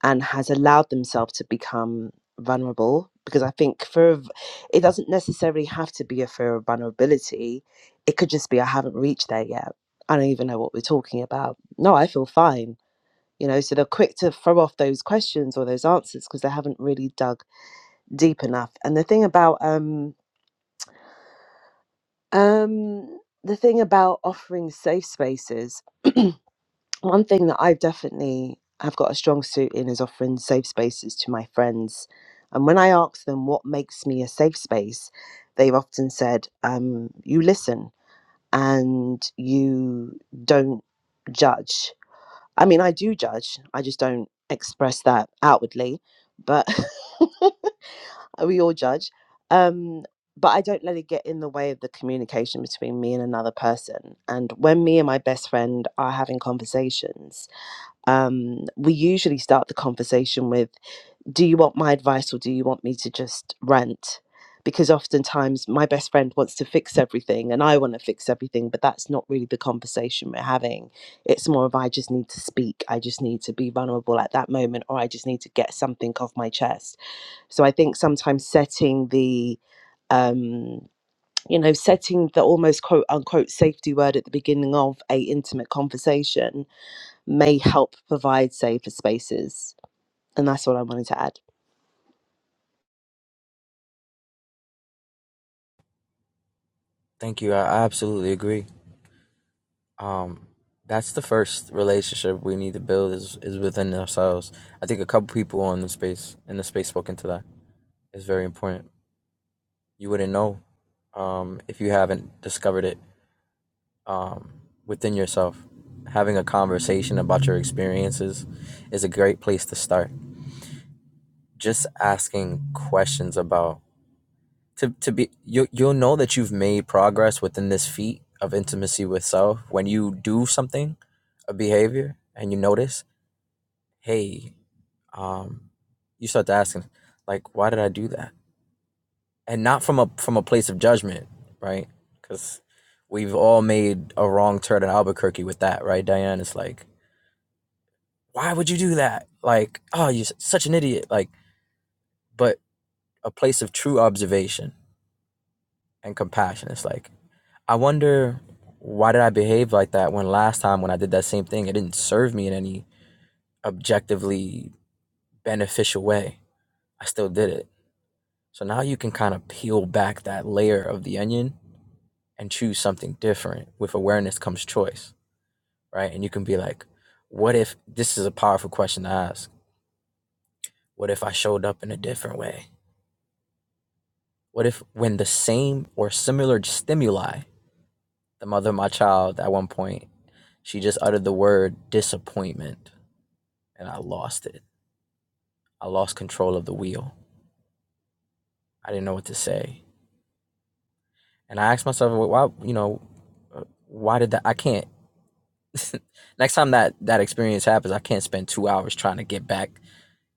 and has allowed themselves to become vulnerable because i think fear of it doesn't necessarily have to be a fear of vulnerability it could just be i haven't reached there yet i don't even know what we're talking about no i feel fine you know so they're quick to throw off those questions or those answers because they haven't really dug deep enough and the thing about um um the thing about offering safe spaces One thing that I definitely have got a strong suit in is offering safe spaces to my friends. And when I ask them what makes me a safe space, they've often said, um, you listen and you don't judge. I mean, I do judge, I just don't express that outwardly, but we all judge. Um, but I don't let it get in the way of the communication between me and another person. And when me and my best friend are having conversations, um, we usually start the conversation with, Do you want my advice or do you want me to just rant? Because oftentimes my best friend wants to fix everything and I want to fix everything, but that's not really the conversation we're having. It's more of, I just need to speak. I just need to be vulnerable at that moment or I just need to get something off my chest. So I think sometimes setting the, um, you know, setting the almost quote unquote safety word at the beginning of a intimate conversation may help provide safer spaces. And that's what I wanted to add.
thank you i I absolutely agree um that's the first relationship we need to build is is within ourselves i think a couple people on the space in the space spoke into that it's very important you wouldn't know um if you haven't discovered it um within yourself having a conversation about your experiences is a great place to start just asking questions about to, to be you, you'll know that you've made progress within this feat of intimacy with self when you do something a behavior and you notice hey um you start to asking like why did i do that and not from a from a place of judgment right because we've all made a wrong turn in albuquerque with that right diane it's like why would you do that like oh you're such an idiot like but a place of true observation and compassion it's like i wonder why did i behave like that when last time when i did that same thing it didn't serve me in any objectively beneficial way i still did it So now you can kind of peel back that layer of the onion and choose something different. With awareness comes choice, right? And you can be like, what if this is a powerful question to ask? What if I showed up in a different way? What if when the same or similar stimuli, the mother of my child at one point, she just uttered the word disappointment and I lost it. I lost control of the wheel. I didn't know what to say. And I asked myself, well, why, you know, uh, why did that? I can't Next time that that experience happens, I can't spend two hours trying to get back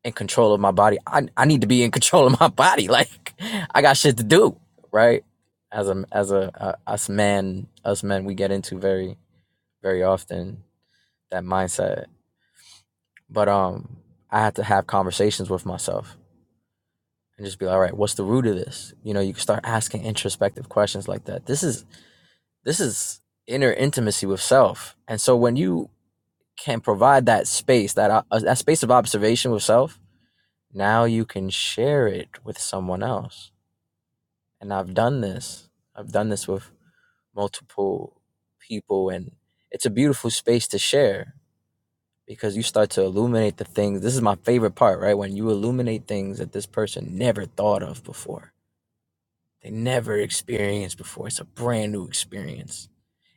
in control of my body. I I need to be in control of my body. Like I got shit to do, right? As a as a uh, us man, us men, we get into very very often that mindset. But um, I had to have conversations with myself and just be like, all right, what's the root of this? You know, you can start asking introspective questions like that. This is this is inner intimacy with self. And so when you can provide that space, that uh, that space of observation with self, now you can share it with someone else. And I've done this. I've done this with multiple people, and it's a beautiful space to share because you start to illuminate the things. This is my favorite part, right? When you illuminate things that this person never thought of before, they never experienced before. It's a brand new experience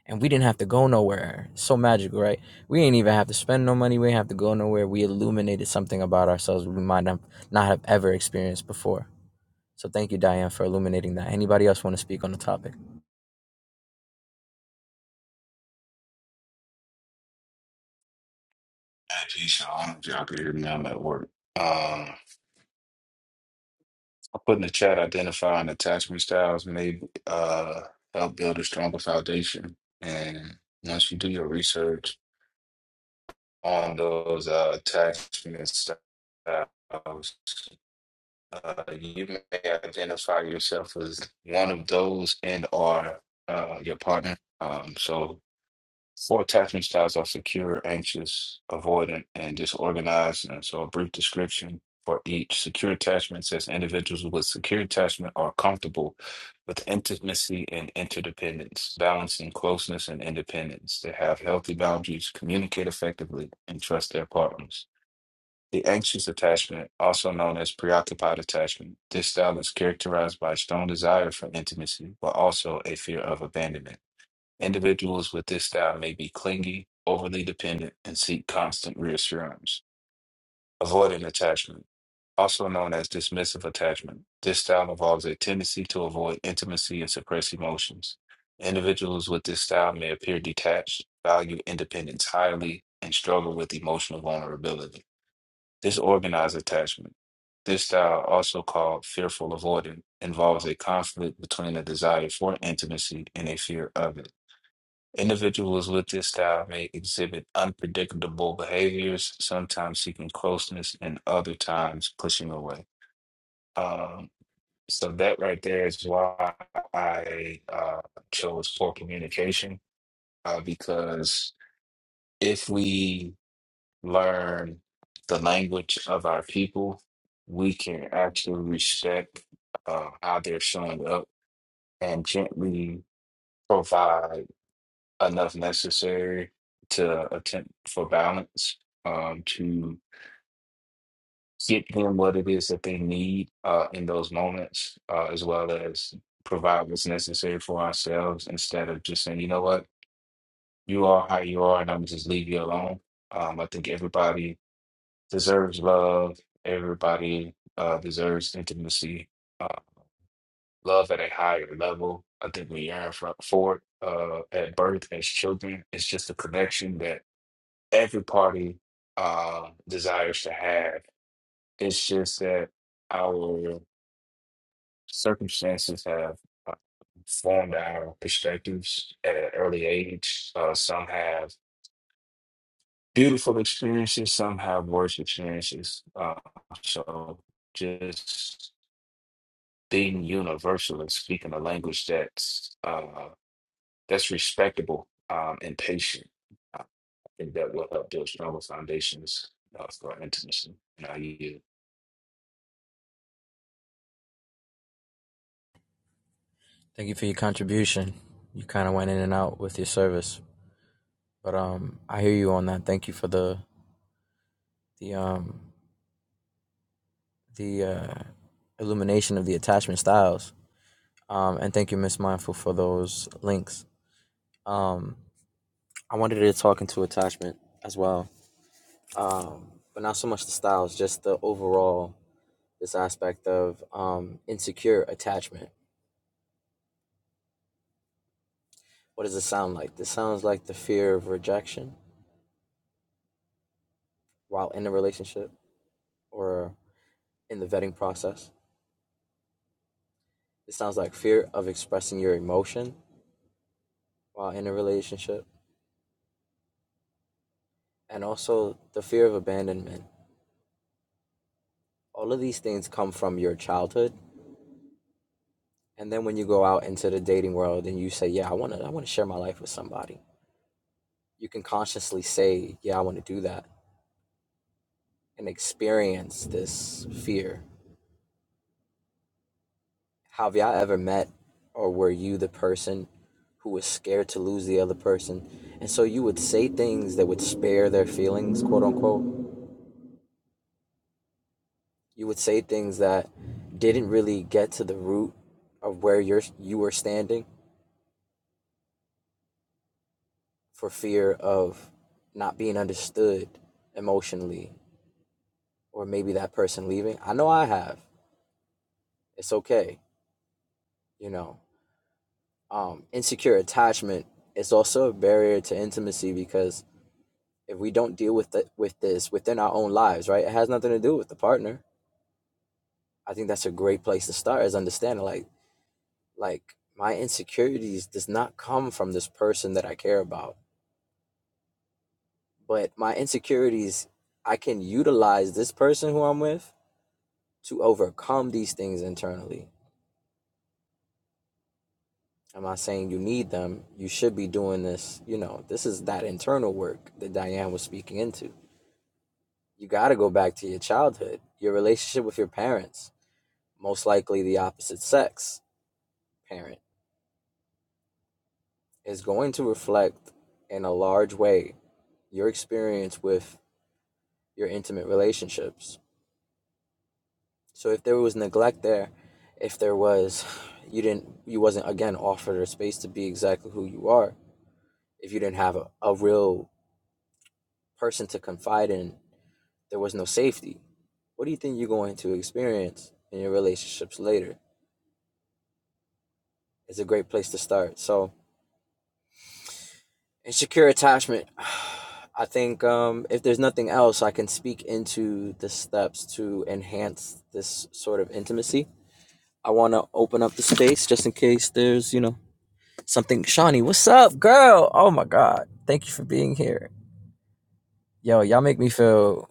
and we didn't have to go nowhere. So magical, right? We didn't even have to spend no money. We didn't have to go nowhere. We illuminated something about ourselves we might not have ever experienced before. So thank you, Diane, for illuminating that. Anybody else want to speak on the topic?
Hey, peace, y'all. I don't know if y'all can hear me. I'm at work. Um, I put in the chat identifying attachment styles may uh, help build a stronger foundation. And once you do your research on those uh, attachment styles, uh, you may identify yourself as one of those and or uh, your partner. Um, so Four attachment styles are secure, anxious, avoidant, and disorganized. And so, a brief description for each. Secure attachment says individuals with secure attachment are comfortable with intimacy and interdependence, balancing closeness and independence. They have healthy boundaries, communicate effectively, and trust their partners. The anxious attachment, also known as preoccupied attachment, this style is characterized by a strong desire for intimacy, but also a fear of abandonment. Individuals with this style may be clingy, overly dependent, and seek constant reassurance, avoiding attachment. Also known as dismissive attachment, this style involves a tendency to avoid intimacy and suppress emotions. Individuals with this style may appear detached, value independence highly, and struggle with emotional vulnerability. Disorganized attachment. This style, also called fearful avoidant, involves a conflict between a desire for intimacy and a fear of it. Individuals with this style may exhibit unpredictable behaviors, sometimes seeking closeness and other times pushing away. Um, so that right there is why I uh, chose poor communication, uh, because if we learn the language of our people, we can actually respect uh, how they're showing up and gently provide. enough necessary to attempt for balance um, to get them what it is that they need uh, in those moments, uh, as well as provide what's necessary for ourselves instead of just saying, you know what, you are how you are, and I'm just leave you alone. Um, I think everybody deserves love. Everybody uh, deserves intimacy, uh, love at a higher level. I think we yearn for, for it uh, at birth as children. It's just a connection that every party uh, desires to have. It's just that our circumstances have uh, formed our perspectives at an early age. Uh, some have beautiful experiences, some have worse experiences. Uh, so just being universal and speaking a language that's uh, that's respectable um, and patient. I think that will help build stronger foundations uh, for intimacy. And I yield.
Thank you for your contribution. You kind of went in and out with your service, but um, I hear you on that. Thank you for the the um the uh, illumination of the attachment styles. Um, and thank you, Miss Mindful, for those links. Um, I wanted to talk into attachment as well um, but not so much the styles, just the overall this aspect of um, insecure attachment. What does it sound like? This sounds like the fear of rejection while in a relationship or in the vetting process. It sounds like fear of expressing your emotion while in a relationship, and also the fear of abandonment. All of these things come from your childhood, and then when you go out into the dating world and you say, "Yeah, I want to, I want to share my life with somebody," you can consciously say, "Yeah, I want to do that," and experience this fear. Have y'all ever met or were you the person who was scared to lose the other person? And so you would say things that would spare their feelings, quote unquote. You would say things that didn't really get to the root of where you're you were standing for fear of not being understood emotionally or maybe that person leaving. I know I have. It's okay, you know. um, insecure attachment is also a barrier to intimacy because if we don't deal with it with this within our own lives, right, it has nothing to do with the partner. I think that's a great place to start is understanding like like my insecurities does not come from this person that I care about, but my insecurities I can utilize this person who I'm with to overcome these things internally. I'm not saying you need them. You should be doing this. You know, this is that internal work that Diane was speaking into you got to go back to your childhood. Your relationship with your parents, most likely the opposite sex parent, is going to reflect in a large way your experience with your intimate relationships. So if there was neglect there, if there was you didn't you wasn't again offered a space to be exactly who you are, if you didn't have a, a real person to confide in, there was no safety. What do you think you're going to experience in your relationships later? It's a great place to start. So and secure attachment i think um, if there's nothing else i can speak into the steps to enhance this sort of intimacy i want to open up the space just in case there's you know something shawnee what's up girl oh my god thank you for being here yo y'all make me feel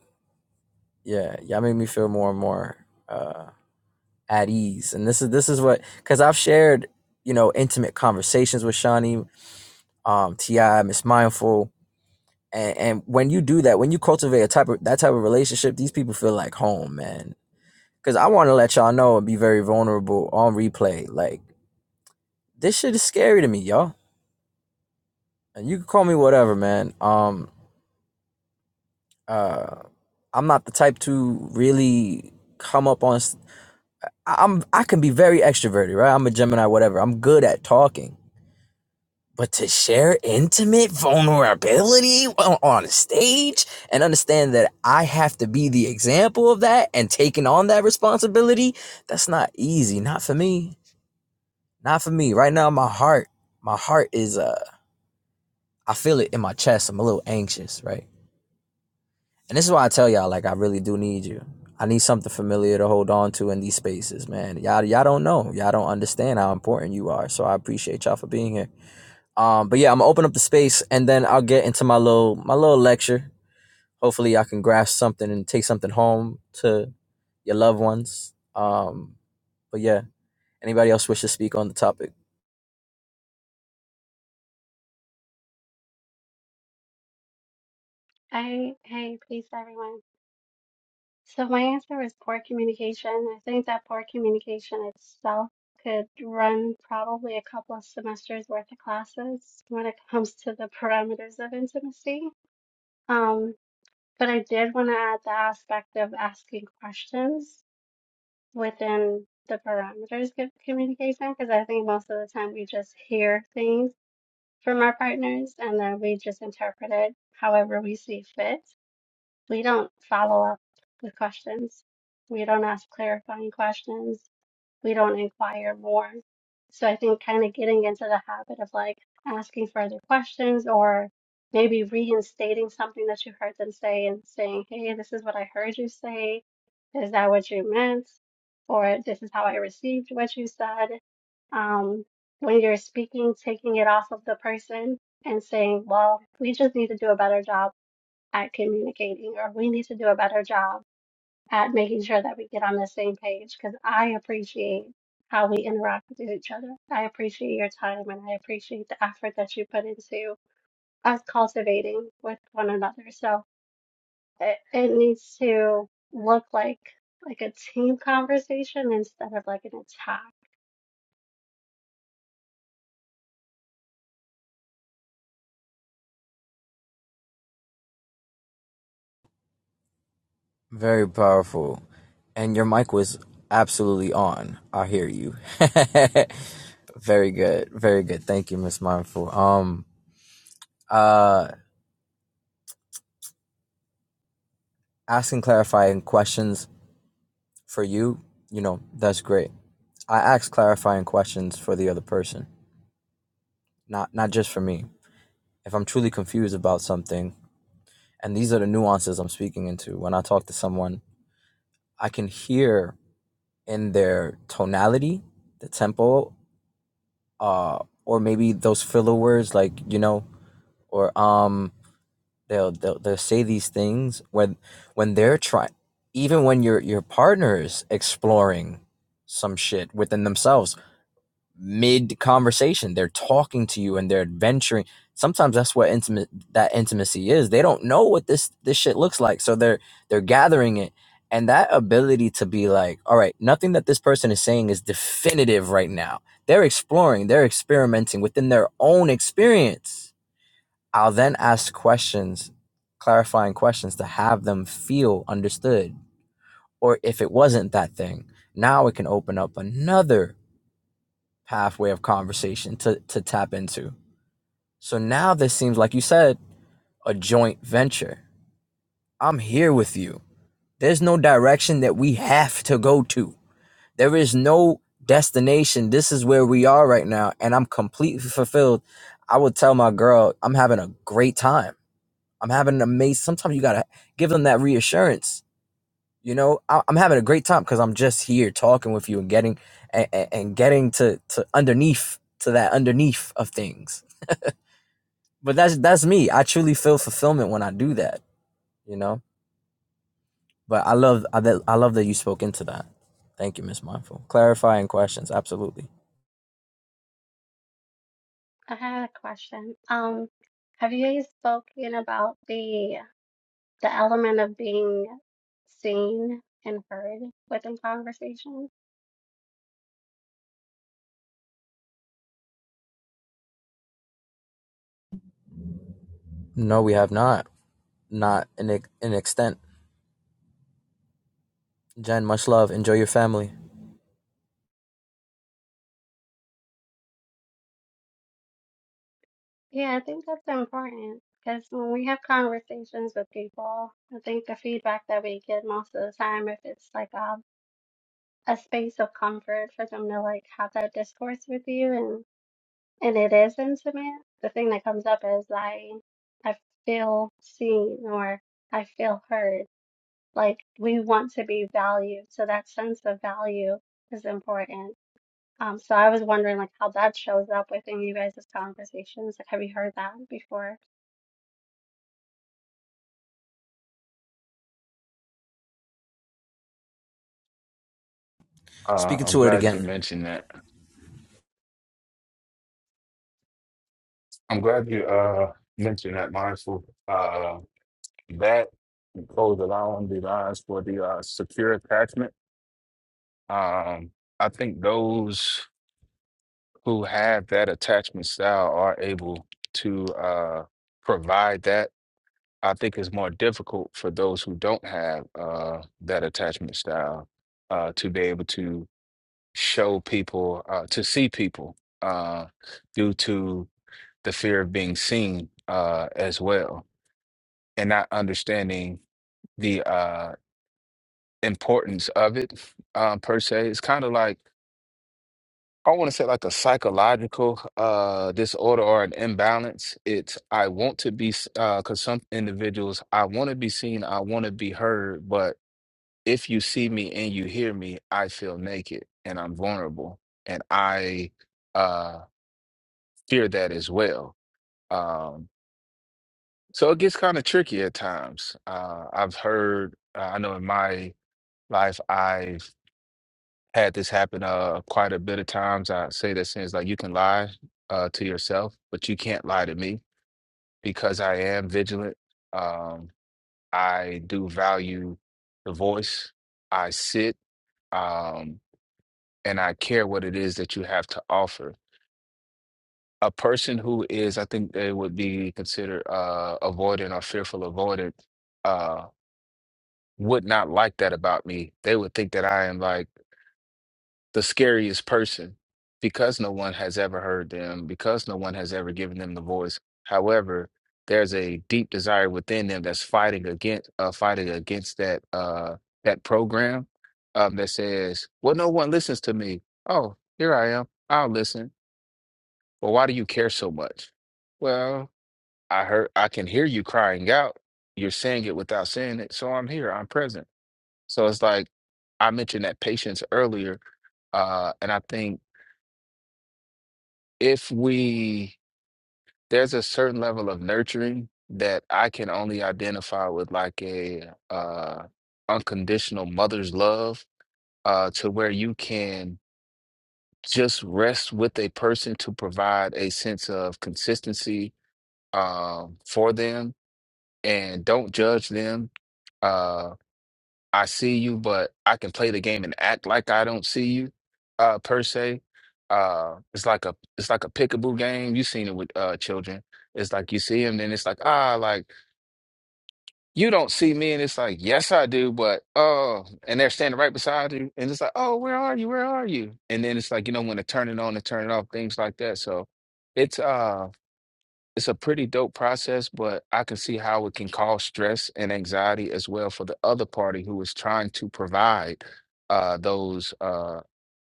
yeah y'all make me feel more and more uh, at ease and this is this is what because i've shared you know intimate conversations with shawnee um ti miss mindful and, and when you do that, when you cultivate a type of that type of relationship, these people feel like home, man. Because I want to let y'all know and be very vulnerable on replay. Like this shit is scary to me, y'all. And you can call me whatever, man. Um, uh, I'm not the type to really come up on. i I- I'm I can be very extroverted, right? I'm a Gemini, whatever. I'm good at talking, But to share intimate vulnerability on a stage and understand that I have to be the example of that and taking on that responsibility, that's not easy. Not for me. Not for me. Right now, my heart, my heart is, uh, I feel it in my chest. I'm a little anxious, right? And this is why I tell y'all, like, I really do need you. I need something familiar to hold on to in these spaces, man. Y'all, y'all don't know. Y'all don't understand how important you are. So I appreciate y'all for being here. Um, but yeah, I'm gonna open up the space and then I'll get into my little my little lecture. Hopefully, I can grasp something and take something home to your loved ones. Um, but yeah, anybody else wish to speak on the topic?
Hey, hey, peace, everyone. So my answer is poor communication. I think that poor communication itself could run probably a couple of semesters worth of classes when it comes to the parameters of intimacy. Um, but I did want to add the aspect of asking questions within the parameters of communication because I think most of the time we just hear things from our partners and then we just interpret it however we see fit. We don't follow up with questions. We don't ask clarifying questions. We don't inquire more. So I think kind of getting into the habit of like asking further questions or maybe reinstating something that you heard them say and saying, hey, this is what I heard you say. Is that what you meant? Or this is how I received what you said. Um, when you're speaking, taking it off of the person and saying, well, we just need to do a better job at communicating, or we need to do a better job at making sure that we get on the same page because I appreciate how we interact with each other. I appreciate your time and I appreciate the effort that you put into us cultivating with one another. So it, it needs to look like like a team conversation instead of like an attack.
Very powerful, and your mic was absolutely on. I hear you. very good, very good. Thank you, Miss Mindful. Um, uh, asking clarifying questions for you, you know, that's great. I ask clarifying questions for the other person not not just for me. If I'm truly confused about something, and these are the nuances I'm speaking into when I talk to someone, I can hear in their tonality, the tempo, uh, or maybe those filler words like you know, or um, they'll they'll, they'll say these things when when they're trying, even when your your partner is exploring some shit within themselves mid conversation. They're talking to you and they're adventuring. Sometimes that's what intimate that intimacy is. They don't know what this this shit looks like, so they're they're gathering it. And that ability to be like, all right, nothing that this person is saying is definitive right now. They're exploring, they're experimenting within their own experience. I'll then ask questions, clarifying questions to have them feel understood. Or if it wasn't that thing, now it can open up another pathway of conversation to, to tap into. So now this seems like you said a joint venture. I'm here with you. There's no direction that we have to go to. There is no destination. This is where we are right now and I'm completely fulfilled. I would tell my girl, I'm having a great time. I'm having an amazing sometimes you got to give them that reassurance. You know, I- I'm having a great time because I'm just here talking with you and getting and, and getting to to underneath to that underneath of things but that's that's me. I truly feel fulfillment when I do that, you know. But I love I, that I love that you spoke into that. Thank you, Miss Mindful. Clarifying questions, absolutely.
I had a question. Um, have you guys spoken about the the element of being seen and heard within conversations.
No, we have not, not in in extent. Jen, much love. Enjoy your family.
Yeah, I think that's important because when we have conversations with people, I think the feedback that we get most of the time, if it's like a, a space of comfort for them to like have that discourse with you and and it is intimate, the thing that comes up is I I feel seen or I feel heard. Like we want to be valued, so that sense of value is important Um, so I was wondering like how that shows up within you guys' conversations. Like, have you heard that before?
Uh,
Speaking
I'm
to it
glad you
again.
mentioned that. I'm glad you uh mentioned that, mindful. Uh, that goes along the lines for the uh, secure attachment. Um, I think those who have that attachment style are able to uh provide that. I think it's more difficult for those who don't have uh that attachment style uh to be able to show people uh to see people uh due to the fear of being seen uh, as well, and not understanding the uh, importance of it uh, per se. It's kind of like I want to say like a psychological uh, disorder or an imbalance. It's I want to be s- uh, because some individuals I want to be seen, I want to be heard, but if you see me and you hear me, I feel naked and I'm vulnerable, and I uh, fear that as well. Um, So it gets kind of tricky at times. Uh, I've heard, uh, I know in my life, I've had this happen uh, quite a bit of times. I say that since like you can lie uh, to yourself, but you can't lie to me because I am vigilant. Um, I do value the voice. I sit um, and I care what it is that you have to offer. A person who is, I think they would be considered uh, avoidant or fearful avoidant. uh, would not like that about me. They would think that I am like the scariest person because no one has ever heard them, because no one has ever given them the voice. However, there's a deep desire within them that's fighting against uh, fighting against that uh, that program um, that says, "Well, no one listens to me." Oh, here I am. I'll listen. Well, why do you care so much? Well, I heard I can hear you crying out. You're saying it without saying it, so I'm here. I'm present. So it's like I mentioned that patience earlier, uh, and I think if we there's a certain level of nurturing that I can only identify with like a uh, unconditional mother's love uh, to where you can just rest with a person to provide a sense of consistency um, for them and don't judge them. uh, I see you, but I can play the game and act like I don't see you, uh, per se. Uh, it's like a it's like a peekaboo game. You've seen it with uh children. It's like you see them, then it's like ah, like you don't see me, and it's like yes, I do, but oh, and they're standing right beside you, and it's like oh, where are you? Where are you? And then it's like you know when to turn it on and turn it off, things like that. So it's uh it's a pretty dope process, but I can see how it can cause stress and anxiety as well for the other party who is trying to provide uh, those uh,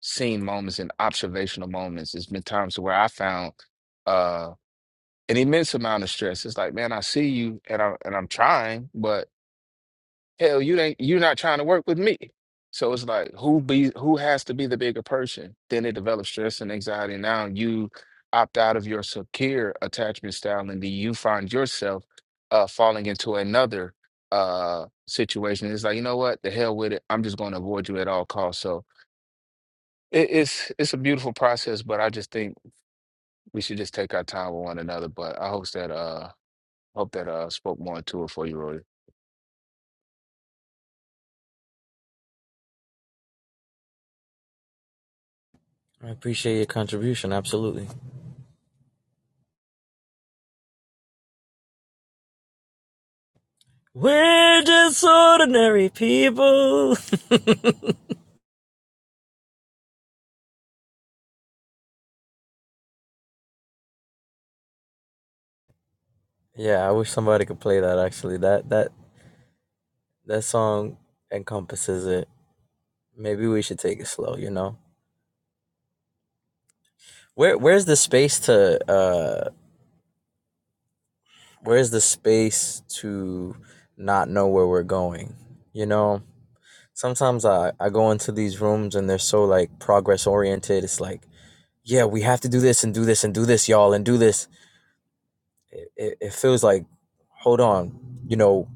scene moments and observational moments. There's been times where I found uh, an immense amount of stress. It's like, man, I see you and I and I'm trying, but hell, you ain't you not trying to work with me. So it's like who be who has to be the bigger person? Then it develops stress and anxiety. Now you opt out of your secure attachment style, and then you find yourself uh, falling into another uh, situation. It's like you know what? The hell with it. I'm just going to avoid you at all costs. So it, it's it's a beautiful process, but I just think we should just take our time with one another. But I hope that uh hope that uh spoke more into it for you,
I appreciate your contribution, absolutely. We're just ordinary people. yeah, I wish somebody could play that. Actually, that that that song encompasses it. Maybe we should take it slow, you know. Where where's the space to uh where's the space to not know where we're going? You know, sometimes I I go into these rooms and they're so like progress oriented. It's like, yeah, we have to do this and do this and do this, y'all, and do this. It, it, it feels like, hold on, you know,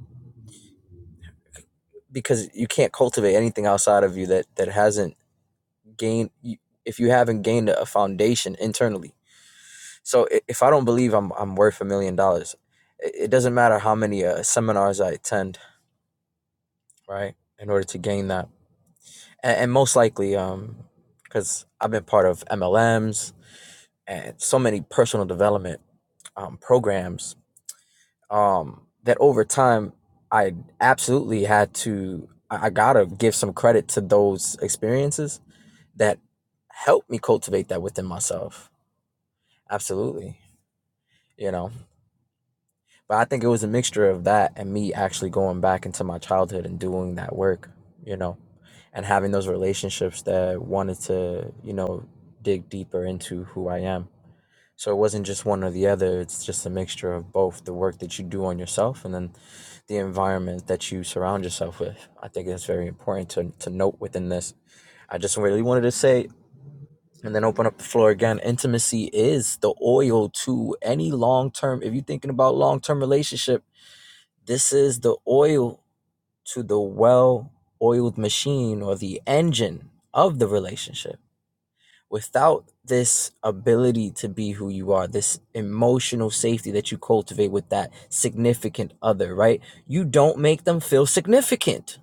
because you can't cultivate anything outside of you that that hasn't gained. If you haven't gained a foundation internally, So i- if I don't believe I'm I'm worth a million dollars, i- it doesn't matter how many uh, seminars I attend, right? In order to gain that, and, and most likely, um, because I've been part of MLMs and so many personal development um, programs, um, that over time I absolutely had to I I gotta give some credit to those experiences that helped me cultivate that within myself. Absolutely, you know But I think it was a mixture of that and me actually going back into my childhood and doing that work, you know, and having those relationships that wanted to, you know, dig deeper into who I am. So it wasn't just one or the other, it's just a mixture of both the work that you do on yourself and then the environment that you surround yourself with. I think it's very important to, to note within this. I just really wanted to say and then open up the floor again. Intimacy is the oil to any long term. If you're thinking about long term relationship, this is the oil to the well oiled machine or the engine of the relationship. Without this ability to be who you are, this emotional safety that you cultivate with that significant other, right? You don't make them feel significant.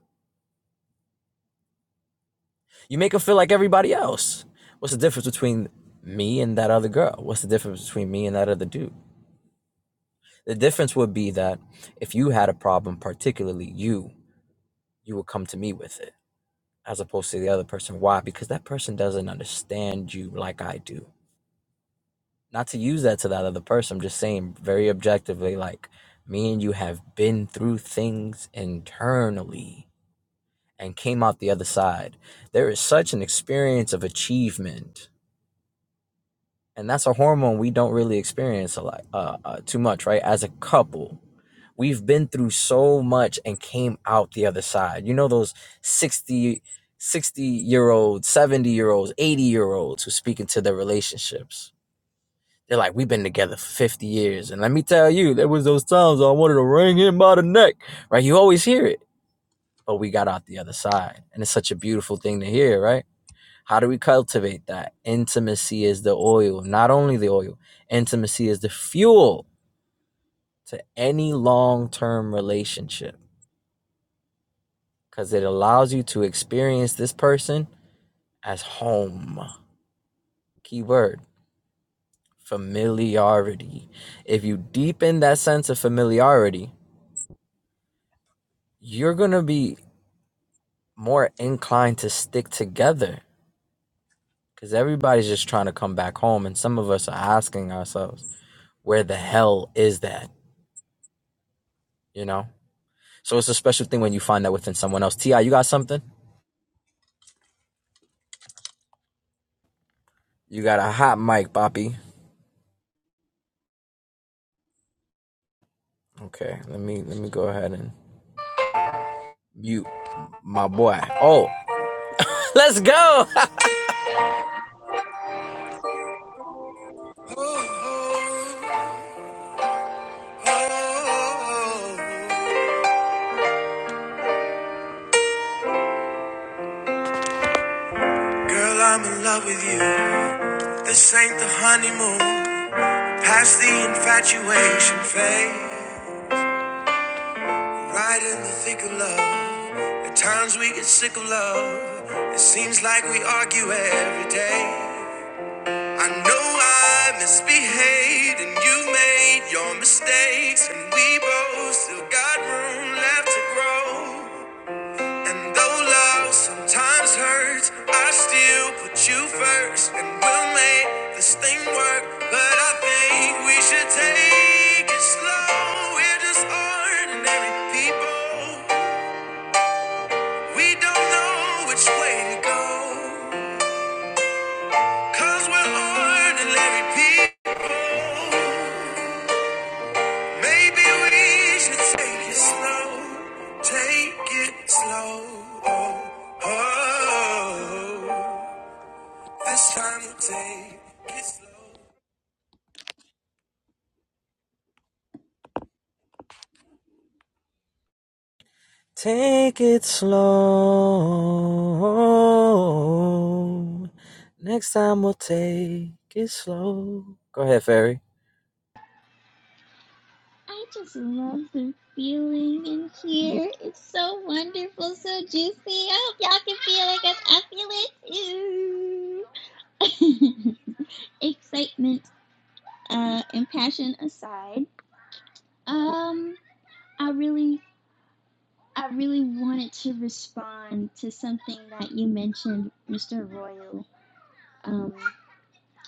You make them feel like everybody else. What's the difference between me and that other girl? What's the difference between me and that other dude? The difference would be that if you had a problem, particularly you, you would come to me with it as opposed to the other person. Why? Because that person doesn't understand you like I do. Not to use that to that other person, I'm just saying very objectively, like me and you have been through things internally and came out the other side. There is such an experience of achievement. And that's a hormone we don't really experience a lot, uh, uh, too much, right? As a couple, We've been through so much and came out the other side. You know those 6060 year olds, 70 year olds, 80 year olds who speak into their relationships. They're like, we've been together for 50 years. And let me tell you, there was those times I wanted to wring him by the neck. Right? You always hear it. But we got out the other side. And it's such a beautiful thing to hear, right? How do we cultivate that? Intimacy is the oil, not only the oil, intimacy is the fuel to any long term relationship. because it allows you to experience this person as home. Keyword familiarity. If you deepen that sense of familiarity, you're going to be more inclined to stick together because everybody's just trying to come back home. And some of us are asking ourselves, where the hell is that? You know? So it's a special thing when you find that within someone else. T.I., you got something? You got a hot mic, Boppy. Okay, let me let me go ahead and mute my boy. Oh, Let's go.
Roy. Oh, girl, I'm in love with you. This ain't the honeymoon. Past the infatuation phase. Right in the thick of love. At times we get sick of love. It seems like we argue every day. I know I misbehaved and you made your mistakes. And we both still got room left to grow. And though love sometimes hurts, I still put you first. And we'll make this thing work. But I think we should take it slow. We're just ordinary people. We don't know which way to go. we we're ordinary people. Maybe we should take it slow. Take it slow. Oh, oh. This time we'll take it slow.
Take it slow. Next time we'll take it slow. Go ahead, Fairy.
I just love the feeling in here. It's so wonderful, so juicy. I hope y'all can feel it because I feel it too. Excitement uh, and passion aside, um, I really, I really wanted to respond to something that you mentioned, Mr. Royal, um,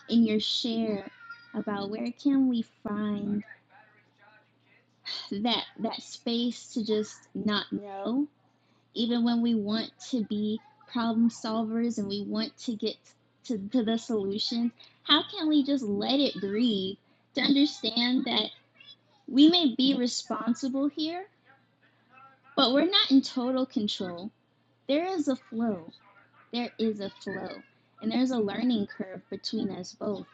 in your share about where can we find that that space to just not know even when we want to be problem solvers and we want to get to, to the solutions, how can we just let it breathe to understand that we may be responsible here, but we're not in total control? There is a flow. There is a flow. And there's a learning curve between us both.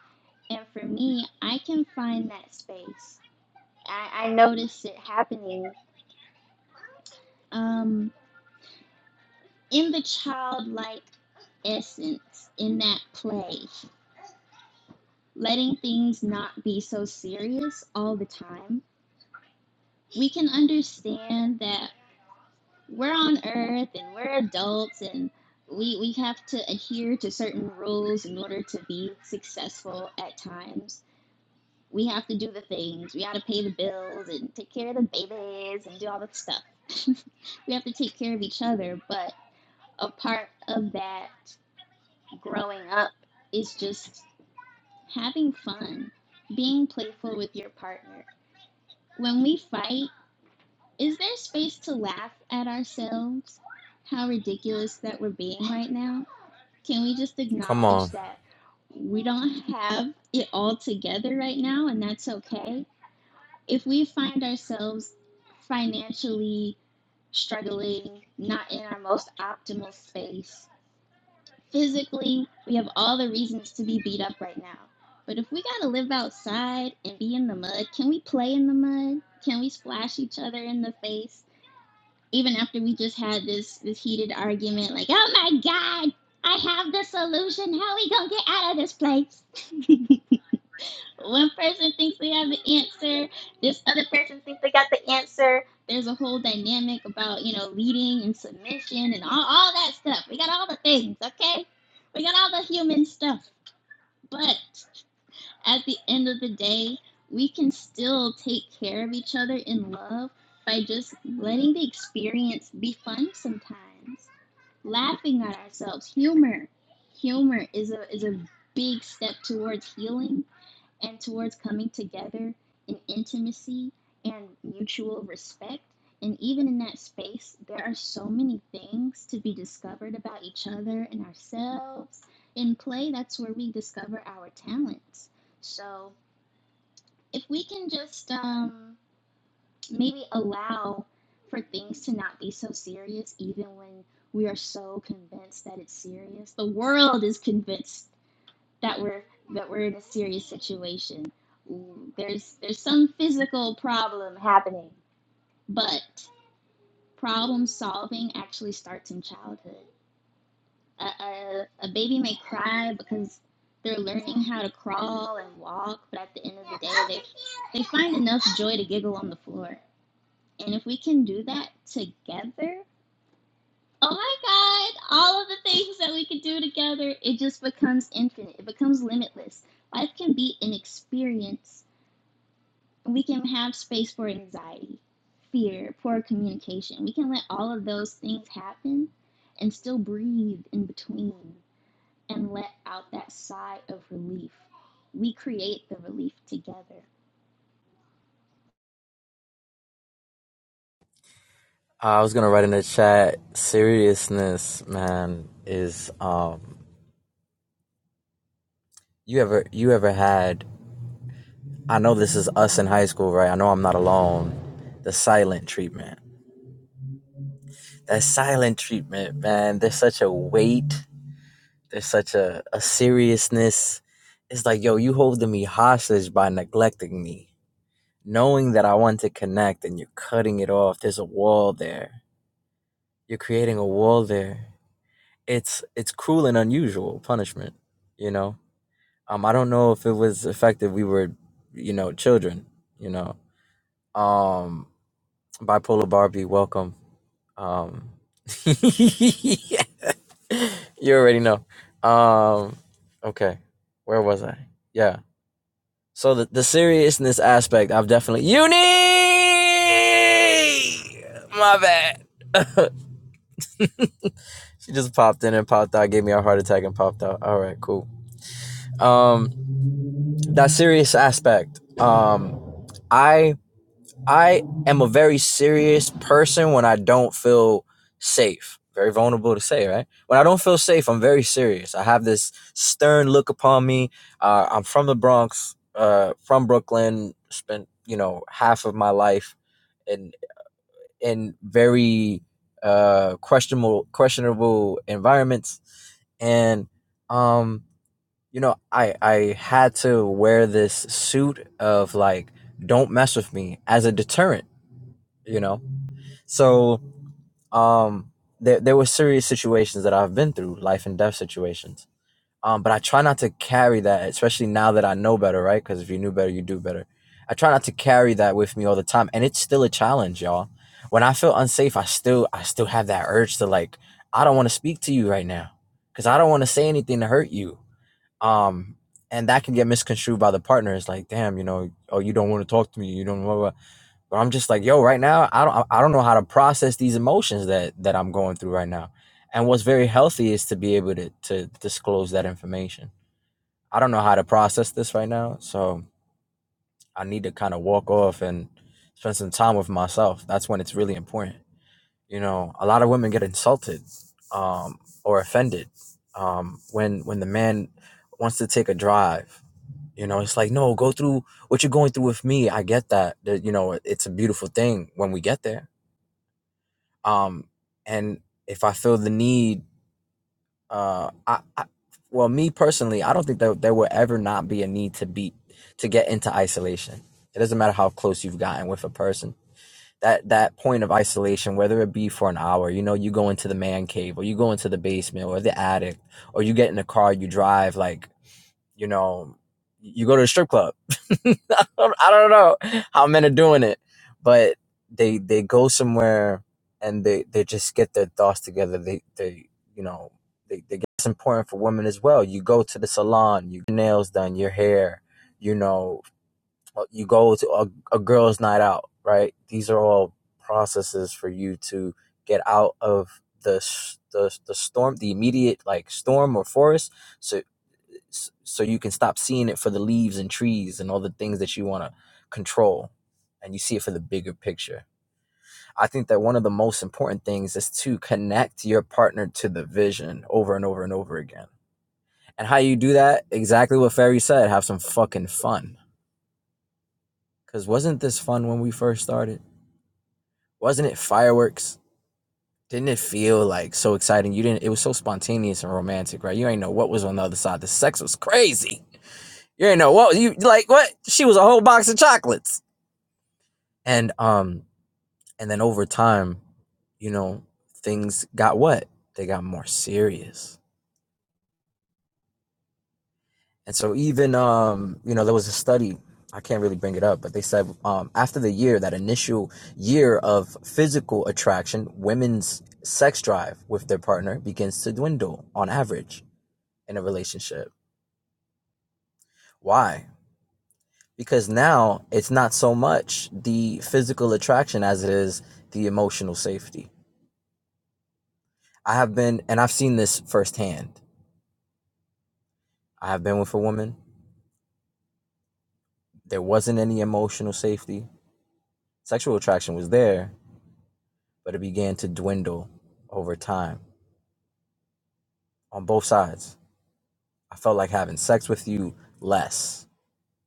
And for me, I can find that space. I, I notice it happening um, in the childlike essence in that play letting things not be so serious all the time. We can understand that we're on earth and we're adults and we, we have to adhere to certain rules in order to be successful at times. We have to do the things. We got to pay the bills and take care of the babies and do all that stuff. we have to take care of each other, but a part of that growing up is just having fun, being playful with your partner, When we fight, is there space to laugh at ourselves? How ridiculous that we're being right now? Can we just
Come
acknowledge
on.
that we don't have it all together right now and that's okay? If we find ourselves financially struggling, not in our most optimal space, physically, we have all the reasons to be beat up right now. But if we gotta live outside and be in the mud, can we play in the mud? Can we splash each other in the face? even after we just had this this heated argument, like, oh my god, I have the solution. How are we gonna get out of this place? One person thinks they have the answer. This other person thinks they got the answer. There's a whole dynamic about you know leading and submission and all, all that stuff. We got all the things, okay? We got all the human stuff, but at the end of the day, we can still take care of each other in love by just letting the experience be fun sometimes, laughing at ourselves. Humor, humor is a is a big step towards healing and towards coming together in intimacy and mutual respect. And even in that space, there are so many things to be discovered about each other and ourselves. In play, that's where we discover our talents. So if we can just um, maybe allow for things to not be so serious, even when we are so convinced that it's serious, the world is convinced that we're that we're in a serious situation. Mm, There's there's some physical problem happening, but problem solving actually starts in childhood. A, a, a baby may cry because they're learning how to crawl and walk, but at the end of the day, they they find enough joy to giggle on the floor. And if we can do that together, oh my God, all of the things that we can do together, it just becomes infinite. It becomes limitless. Life can be an experience we can have space for anxiety, fear, poor communication. We can let all of those things happen and still breathe in between and let out that sigh of relief. We create the relief together.
I was gonna write in the chat. Seriousness, man, is um. You ever you ever had? I know this is us in high school, right? I know I'm not alone. The silent treatment. That silent treatment, man. There's such a weight There's such a, a seriousness. It's like, yo, you holding me hostage by neglecting me. Knowing that I want to connect and you're cutting it off. There's a wall there. You're creating a wall there. It's it's cruel and unusual punishment, you know? Um, I don't know if it was effective we were, you know, children, you know. Um. Bipolar Barbie, welcome. Um, you already know. Um, okay, where was I? Yeah. So the, the seriousness aspect, I've definitely uni. My bad. she just popped in and popped out, gave me a heart attack and popped out. All right, cool. Um, that serious aspect. Um, I. I am a very serious person when I don't feel safe. Very vulnerable to say, right? When I don't feel safe, I'm very serious. I have this stern look upon me. Uh, I'm from the Bronx, uh, from Brooklyn. Spent you know half of my life in in very uh, questionable questionable environments, and um, you know I I had to wear this suit of like don't mess with me as a deterrent you know so um there, there were serious situations that i've been through life and death situations um but i try not to carry that especially now that i know better right because if you knew better you do better i try not to carry that with me all the time and it's still a challenge y'all when i feel unsafe i still i still have that urge to like i don't want to speak to you right now because i don't want to say anything to hurt you um and that can get misconstrued by the partner it's like damn you know oh you don't want to talk to me you don't know. But I'm just like, yo, right now, I don't, I don't know how to process these emotions that that I'm going through right now. And what's very healthy is to be able to to disclose that information. I don't know how to process this right now, so I need to kind of walk off and spend some time with myself. That's when it's really important. You know, a lot of women get insulted um, or offended um, when when the man wants to take a drive. You know, it's like, no, go through what you're going through with me. I get that. That, You know, it's a beautiful thing when we get there um and if i feel the need uh i, I well me personally i don't think that there will ever not be a need to be to get into isolation it doesn't matter how close you've gotten with a person that that point of isolation whether it be for an hour you know you go into the man cave or you go into the basement or the attic or you get in the car you drive like you know, you go to a strip club. I don't I don't know how men are doing it, but they they go somewhere and they they just get their thoughts together. They they you know they they get it's important for women as well. You go to the salon, you get your nails done, your hair, you know uh, you go to a, a girl's night out, right? These are all processes for you to get out of the the the storm, the immediate like storm or forest, so so you can stop seeing it for the leaves and trees and all the things that you want to control, and you see it for the bigger picture. I think that one of the most important things is to connect your partner to the vision over and over and over again. And how you do that? Exactly what Ferry said. Have some fucking fun Cause wasn't this fun when we first started? Wasn't it fireworks? Didn't it feel like so exciting? You didn't. It was so spontaneous and romantic, right? You ain't know what was on the other side. The sex was crazy. You ain't know what you like. What she was a whole box of chocolates, and um, and then over time, you know, things got what they got more serious. And so even um, you know, there was a study, I can't really bring it up, but they said um after the year, that initial year of physical attraction, women's sex drive with their partner begins to dwindle on average in a relationship. Why? Because now it's not so much the physical attraction as it is the emotional safety. I have been and I've seen this firsthand. I have been with a woman. There wasn't any emotional safety. Sexual attraction was there, but it began to dwindle over time on both sides. I felt like having sex with you less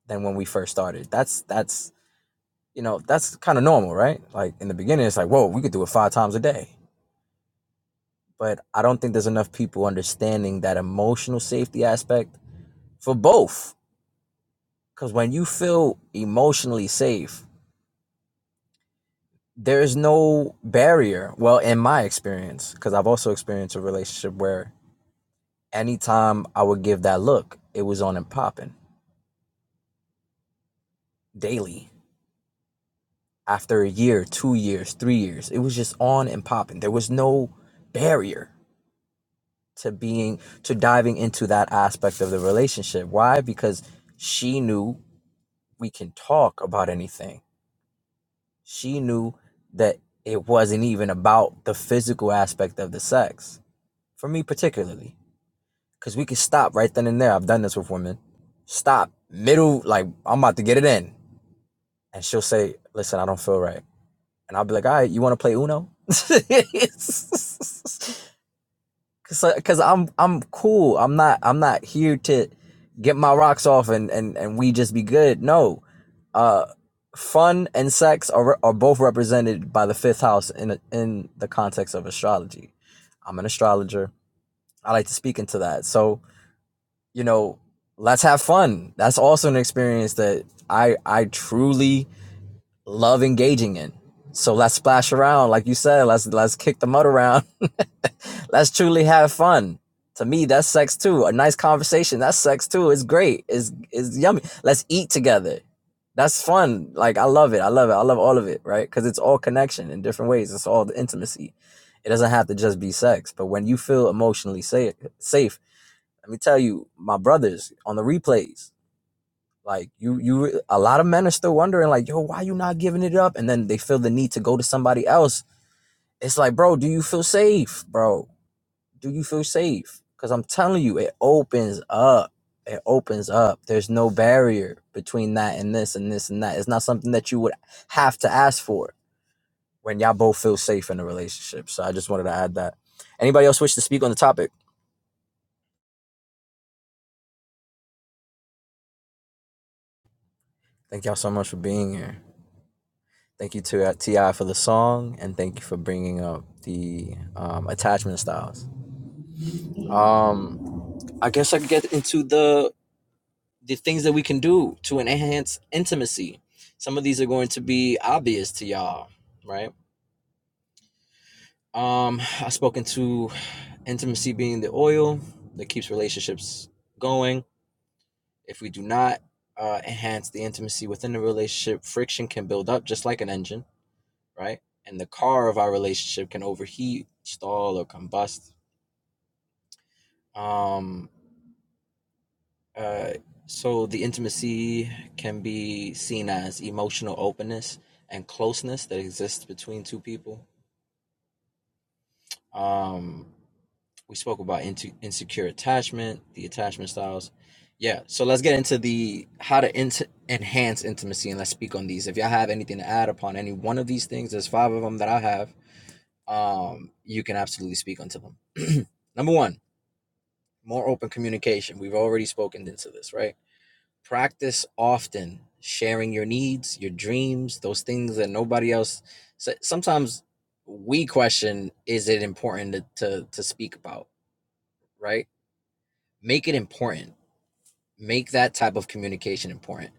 than when we first started. That's that's you know that's kind of normal, right? Like in the beginning, it's like whoa, we could do it five times a day. But I don't think there's enough people understanding that emotional safety aspect for both. Because when you feel emotionally safe, there is no barrier. Well, in my experience, because I've also experienced a relationship where anytime I would give that look, it was on and popping daily after a year, two years, three years. It was just on and popping. There was no barrier to being to diving into that aspect of the relationship. Why? Because she knew we can talk about anything. She knew that it wasn't even about the physical aspect of the sex. For me particularly. Because we can stop right then and there. I've done this with women. Stop. Middle like I'm about to get it in. And she'll say, Listen, I don't feel right and I'll be like, all right, you want to play Uno? Cause, I- Cause I'm I'm cool. I'm not I'm not here to get my rocks off and and and we just be good. No, uh, fun and sex are are both represented by the fifth house in a, in the context of astrology. I'm an astrologer. I like to speak into that. So you know, let's have fun. That's also an experience that I I truly love engaging in. So let's splash around, like you said. Let's let's kick the mud around. let's truly have fun. To me, that's sex too. A nice conversation, that's sex too. It's great. It's it's yummy. Let's eat together. That's fun. Like I love it. I love it. I love all of it. Right? Because it's all connection in different ways. It's all the intimacy. It doesn't have to just be sex. But when you feel emotionally safe, safe. Let me tell you, my brothers on the replays. Like you, you, a lot of men are still wondering, like, yo, why you not giving it up? And then they feel the need to go to somebody else. It's like, bro, do you feel safe, bro? Do you feel safe? Because I'm telling you, it opens up. It opens up. There's no barrier between that and this and this and that. It's not something that you would have to ask for when y'all both feel safe in a relationship. So I just wanted to add that. Anybody else wish to speak on the topic? Thank y'all so much for being here. Thank you to uh, Ti for the song, and thank you for bringing up the um, attachment styles. Um, I guess I could get into the the things that we can do to enhance intimacy. Some of these are going to be obvious to y'all, right? Um, I've spoken to intimacy being the oil that keeps relationships going. If we do not uh, enhance the intimacy within the relationship, friction can build up, just like an engine right? And the car of our relationship can overheat, stall, or combust. Um, uh, so the intimacy can be seen as emotional openness and closeness that exists between two people. Um, we spoke about into insecure attachment, the attachment styles. Yeah, so let's get into the how to int- enhance intimacy and let's speak on these. If y'all have anything to add upon any one of these things, there's five of them that I have. Um, you can absolutely speak onto them. Number one, more open communication. We've already spoken into this, right? Practice often sharing your needs, your dreams, those things that nobody else. So sometimes we question: Is it important to, to to speak about? Right? Make it important. Make that type of communication important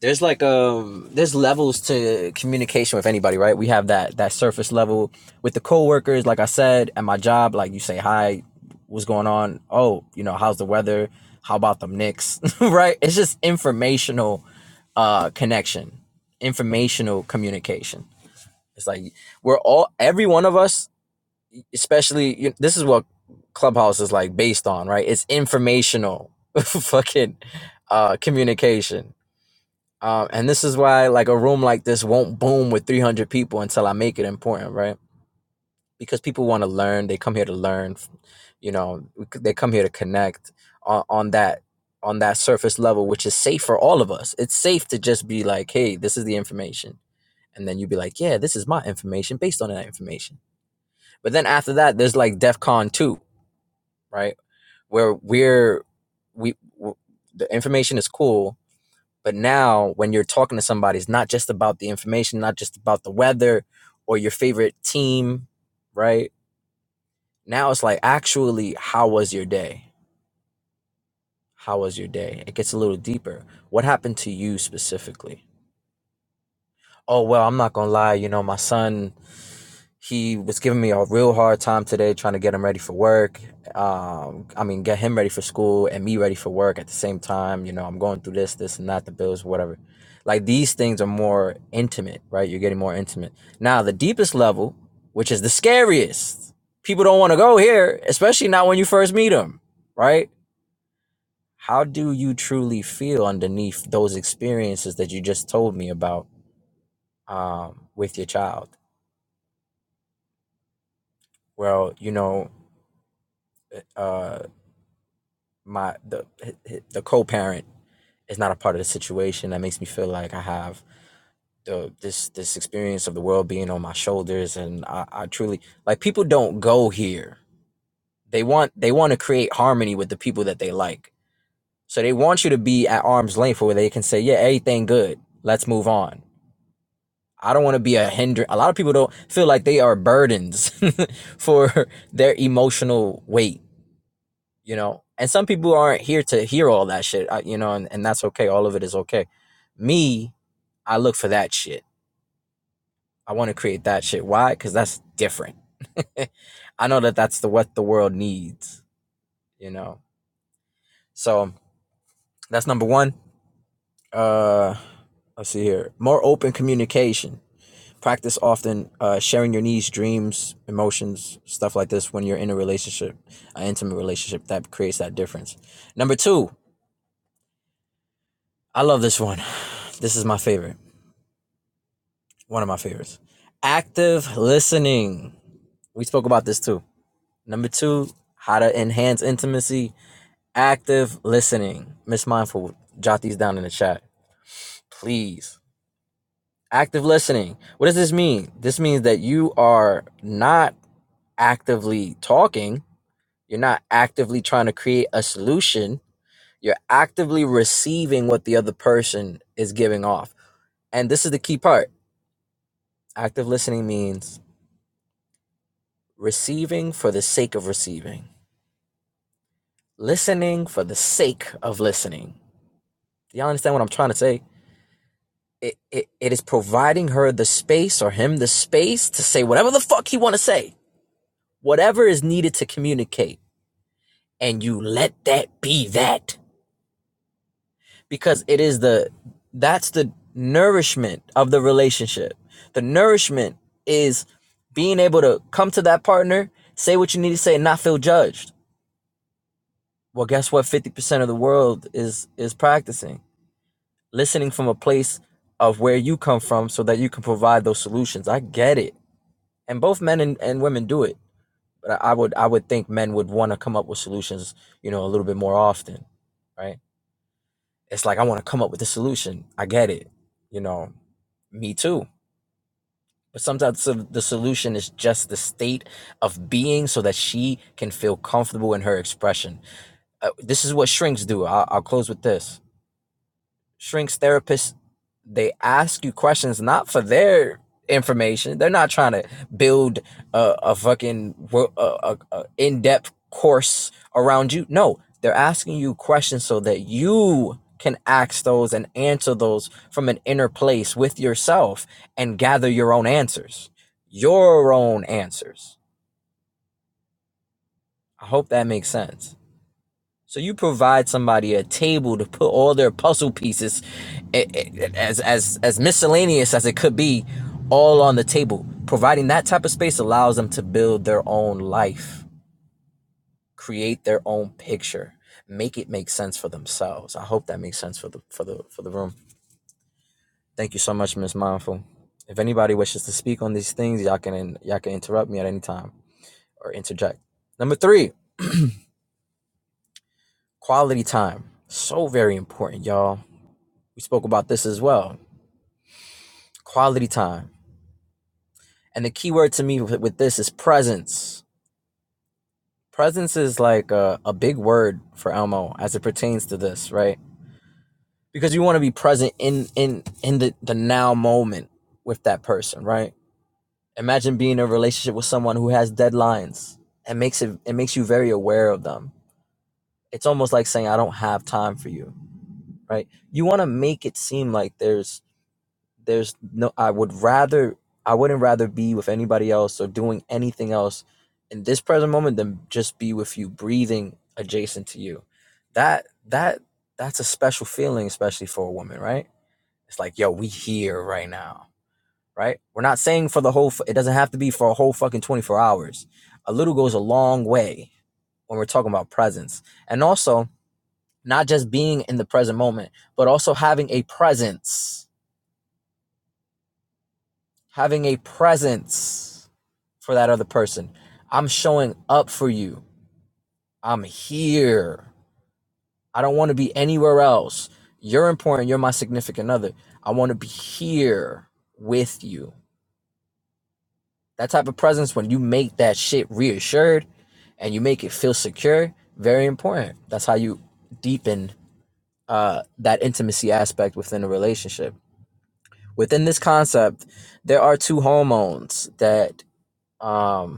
there's like um there's levels to communication with anybody right we have that that surface level with the coworkers like i said at my job like you say hi what's going on oh you know how's the weather how about them Knicks right it's just informational uh connection informational communication it's like we're all every one of us especially you, this is what clubhouse is like based on right it's informational fucking uh communication um, and this is why like a room like this won't boom with 300 people until I make it important, right? Because people want to learn. They come here to learn. You know, they come here to connect on, on that on that surface level, which is safe for all of us. It's safe to just be like, hey, this is the information. And then you'd be like, yeah, this is my information based on that information. But then after that, there's like DEF CON 2, right? Where we're, we, w the information is cool, But now, when you're talking to somebody, it's not just about the information, not just about the weather or your favorite team, right? Now it's like, actually, how was your day? How was your day? It gets a little deeper. What happened to you specifically? Oh well, I'm not gonna lie. You know, my son, he was giving me a real hard time today, trying to get him ready for work. Um, I mean, get him ready for school and me ready for work at the same time. You know, I'm going through this, this, and that, the bills, whatever. Like these things are more intimate, right? You're getting more intimate. Now, the deepest level, which is the scariest, people don't want to go here, especially not when you first meet them, right? How do you truly feel underneath those experiences that you just told me about? um, with your child. Well, you know, uh, my the the co-parent is not a part of the situation. That makes me feel like I have the this this experience of the world being on my shoulders, and I, I truly like people don't go here. They want they want to create harmony with the people that they like, so they want you to be at arm's length where they can say, yeah, everything good. Let's move on. I don't want to be a hinder. A lot of people don't feel like they are burdens for their emotional weight you know and some people aren't here to hear all that shit you know and, and that's okay all of it is okay me i look for that shit i want to create that shit why because that's different i know that that's the what the world needs you know so that's number one uh let's see here more open communication practice often uh, sharing your needs dreams emotions stuff like this when you're in a relationship an intimate relationship that creates that difference number two i love this one this is my favorite one of my favorites. Active listening. We spoke about this too. Number two, how to enhance intimacy. Active listening. Miss Mindful, jot these down in the chat, please. Active listening. What does this mean? This means that you are not actively talking, you're not actively trying to create a solution, you're actively receiving what the other person is giving off. And this is the key part. Active listening means receiving for the sake of receiving, listening for the sake of listening. Do y'all understand what I'm trying to say? It, it, it is providing her the space or him the space to say whatever the fuck he want to say, whatever is needed to communicate, and you let that be that because it is the that's the nourishment of the relationship. The nourishment is being able to come to that partner, say what you need to say, and not feel judged Well, guess what? 50% of the world is is practicing listening from a place of where you come from so that you can provide those solutions. I get it. And both men and, and women do it. But I, would I would think men would want to come up with solutions, you know, a little bit more often, right? It's like I want to come up with a solution. I get it. You know, me too. But sometimes the the solution is just the state of being so that she can feel comfortable in her expression. Uh, this is what shrinks do. I'll, I'll close with this shrinks therapists they ask you questions not for their information. They're not trying to build a, a fucking a, a, a in-depth course around you. No, they're asking you questions so that you can ask those and answer those from an inner place with yourself and gather your own answers. Your own answers. I hope that makes sense. So you provide somebody a table to put all their puzzle pieces, as as as miscellaneous as it could be, all on the table. Providing that type of space allows them to build their own life, create their own picture, make it make sense for themselves. I hope that makes sense for the for the for the room. Thank you so much, Miss Mindful. If anybody wishes to speak on these things, y'all can y'all can interrupt me at any time or interject. Number three, quality time. So very important, y'all. We spoke about this as well. quality time. And the key word to me with, with this is presence. Presence is like a, a big word for Elmo as it pertains to this, right? Because you want to be present in in in the, the now moment with that person, right? Imagine being in a relationship with someone who has deadlines and makes it it makes you very aware of them. It's almost like saying I don't have time for you, right? You want to make it seem like there's there's no i would rather i wouldn't rather be with anybody else or doing anything else in this present moment than just be with you breathing adjacent to you that that that's a special feeling especially for a woman right it's like yo we here right now right we're not saying for the whole it doesn't have to be for a whole fucking 24 hours a little goes a long way when we're talking about presence and also not just being in the present moment but also having a presence having a presence for that other person. I'm showing up for you. I'm here. I don't want to be anywhere else. You're important. You're my significant other. I want to be here with you. That type of presence, when you make that shit reassured and you make it feel secure, very important. That's how you deepen uh, that intimacy aspect within a relationship. Within this concept, there are two hormones that um,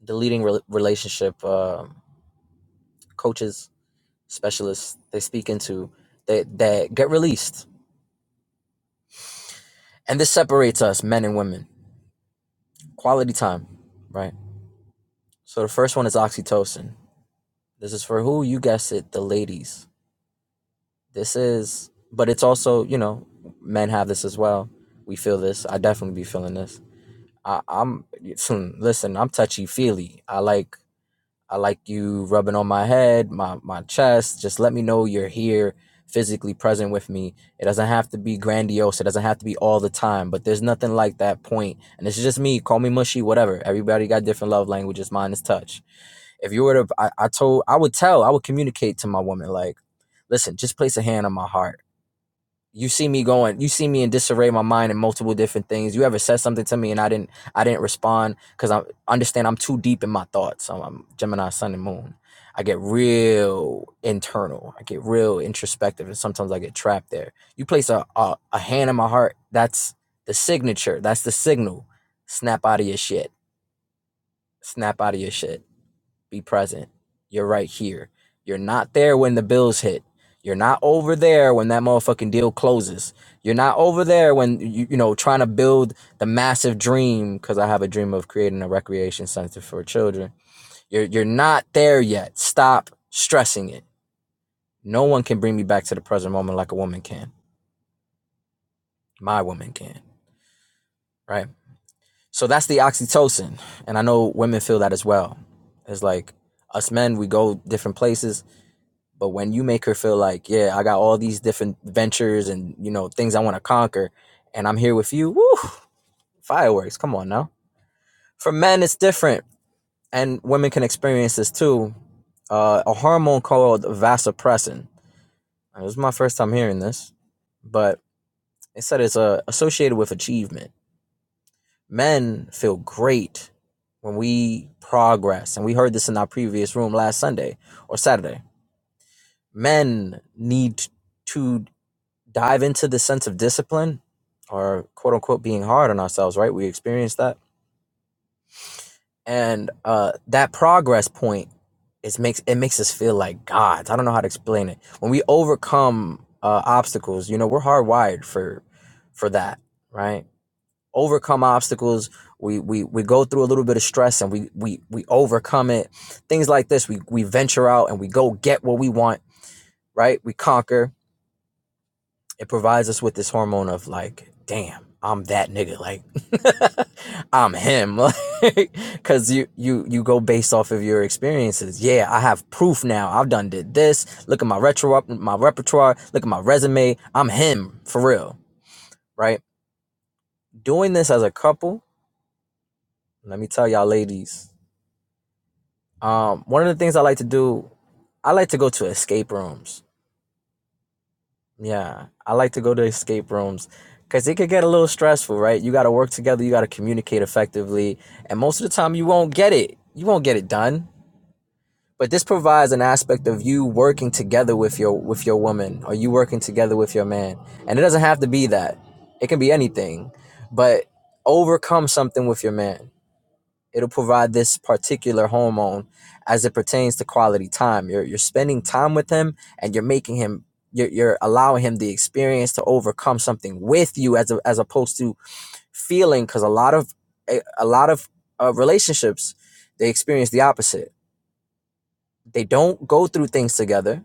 the leading rel relationship um coaches, specialists they speak into they that get released, and this separates us, men and women. Quality time, right? So the first one is oxytocin. This is for who you guessed it, the ladies. This is, but it's also you know, men have this as well. We feel this. I definitely be feeling this. I, I'm listen. I'm touchy feely. I like I like you rubbing on my head, my my chest. Just let me know you're here, physically present with me. It doesn't have to be grandiose. It doesn't have to be all the time. But there's nothing like that point. And it's just me. Call me mushy, whatever. Everybody got different love languages. Mine is touch. If you were to, I, I told, I would tell, I would communicate to my woman like, listen, just place a hand on my heart you see me going you see me in disarray my mind and multiple different things you ever said something to me and i didn't i didn't respond because i understand i'm too deep in my thoughts i'm, I'm gemini sun and moon i get real internal i get real introspective and sometimes i get trapped there you place a, a, a hand in my heart that's the signature that's the signal snap out of your shit snap out of your shit be present. You're right here. You're not there when the bills hit. You're not over there when that motherfucking deal closes. You're not over there when you you know trying to build the massive dream cuz I have a dream of creating a recreation center for children. You're you're not there yet. Stop stressing it. No one can bring me back to the present moment like a woman can. My woman can, right? So that's the oxytocin, and I know women feel that as well. It's like us men, we go different places But when you make her feel like, yeah, I got all these different ventures and you know things I want to conquer, and I'm here with you, woo, fireworks! Come on now. For men, it's different, and women can experience this too. Uh, a hormone called vasopressin. It was my first time hearing this, but it said it's uh, associated with achievement. Men feel great when we progress, and we heard this in our previous room last Sunday or Saturday. Men need to dive into the sense of discipline or quote unquote being hard on ourselves, right? We experience that. And uh, that progress point is makes it makes us feel like gods. I don't know how to explain it. When we overcome uh, obstacles, you know, we're hardwired for for that, right? Overcome obstacles. We we we go through a little bit of stress and we we we overcome it. Things like this. We we venture out and we go get what we want, right? We conquer it provides us with this hormone of like, damn, I'm that nigga. Like, I'm him. Like, cause you you you go based off of your experiences. Yeah, I have proof now. I've done did this. Look at my retro my repertoire. Look at my resume. I'm him for real, right? Doing this as a couple. Let me tell y'all, ladies. Um, one of the things I like to do, I like to go to escape rooms Yeah, I like to go to escape rooms because it could get a little stressful, right? You got to work together, you got to communicate effectively, and most of the time you won't get it. You won't get it done. But this provides an aspect of you working together with your with your woman or you working together with your man. And it doesn't have to be that. It can be anything. But overcome something with your man it'll provide this particular hormone as it pertains to quality time. You're you're spending time with him and you're making him you're, you're allowing him the experience to overcome something with you as a, as opposed to feeling because a lot of a, a lot of uh, relationships they experience the opposite they don't go through things together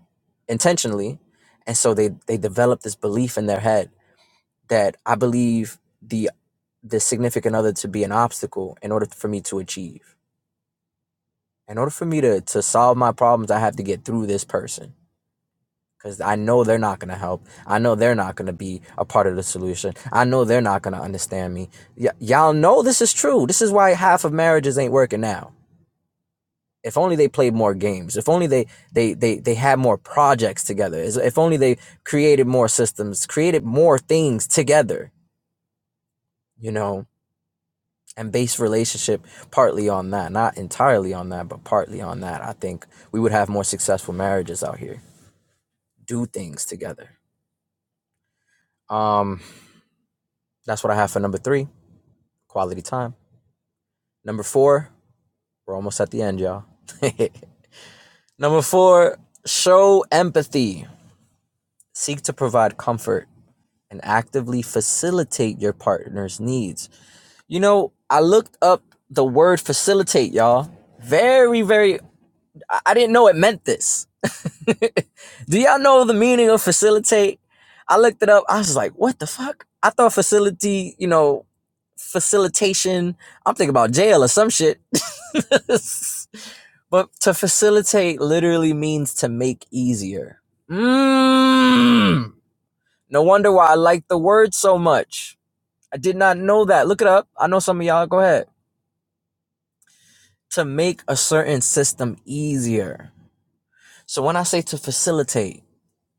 intentionally and so they they develop this belief in their head that i believe the the significant other to be an obstacle in order for me to achieve in order for me to to solve my problems i have to get through this person because i know they're not going to help i know they're not going to be a part of the solution i know they're not going to understand me y- y'all know this is true this is why half of marriages ain't working now if only they played more games if only they they they, they had more projects together if only they created more systems created more things together you know and based relationship partly on that not entirely on that but partly on that i think we would have more successful marriages out here do things together. Um, that's what I have for number three, quality time. Number four, we're almost at the end, y'all. number four, show empathy. Seek to provide comfort and actively facilitate your partner's needs. You know, I looked up the word facilitate, y'all. Very, very I, I didn't know it meant this. Do y'all know the meaning of facilitate? I looked it up. I was like, what the fuck? I thought facility, you know, facilitation. I'm thinking about jail or some shit. but to facilitate literally means to make easier. Mm. No wonder why I like the word so much. I did not know that. Look it up. I know some of y'all. Go ahead. To make a certain system easier. So when I say to facilitate,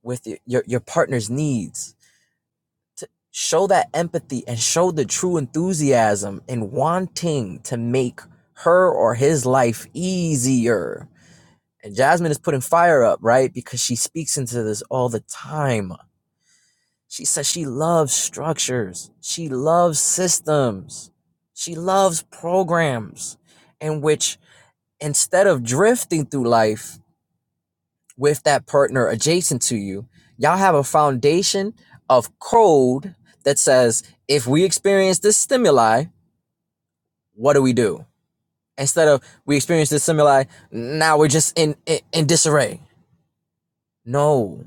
with your, your, your partner's needs. To show that empathy and show the true enthusiasm in wanting to make her or his life easier. And Jasmine is putting fire up, right? Because she speaks into this all the time. She says she loves structures, she loves systems, she loves programs in which instead of drifting through life, with that partner adjacent to you, y'all have a foundation of code that says, if we experience this stimuli, what do we do? Instead of we experience this stimuli, now we're just in, in, in disarray. No,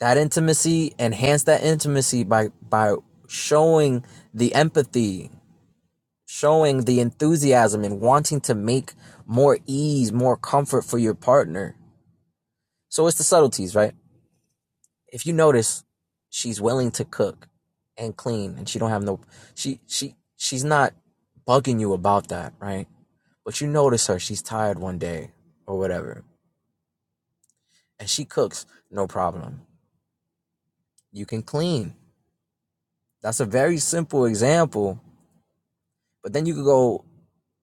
that intimacy, enhance that intimacy by, by showing the empathy, showing the enthusiasm and wanting to make more ease, more comfort for your partner. So it's the subtleties, right? if you notice, she's willing to cook and clean, and she don't have no. She she she's not bugging you about that, right? But you notice her; she's tired one day or whatever, and she cooks, no problem. You can clean. That's a very simple example. But then you could go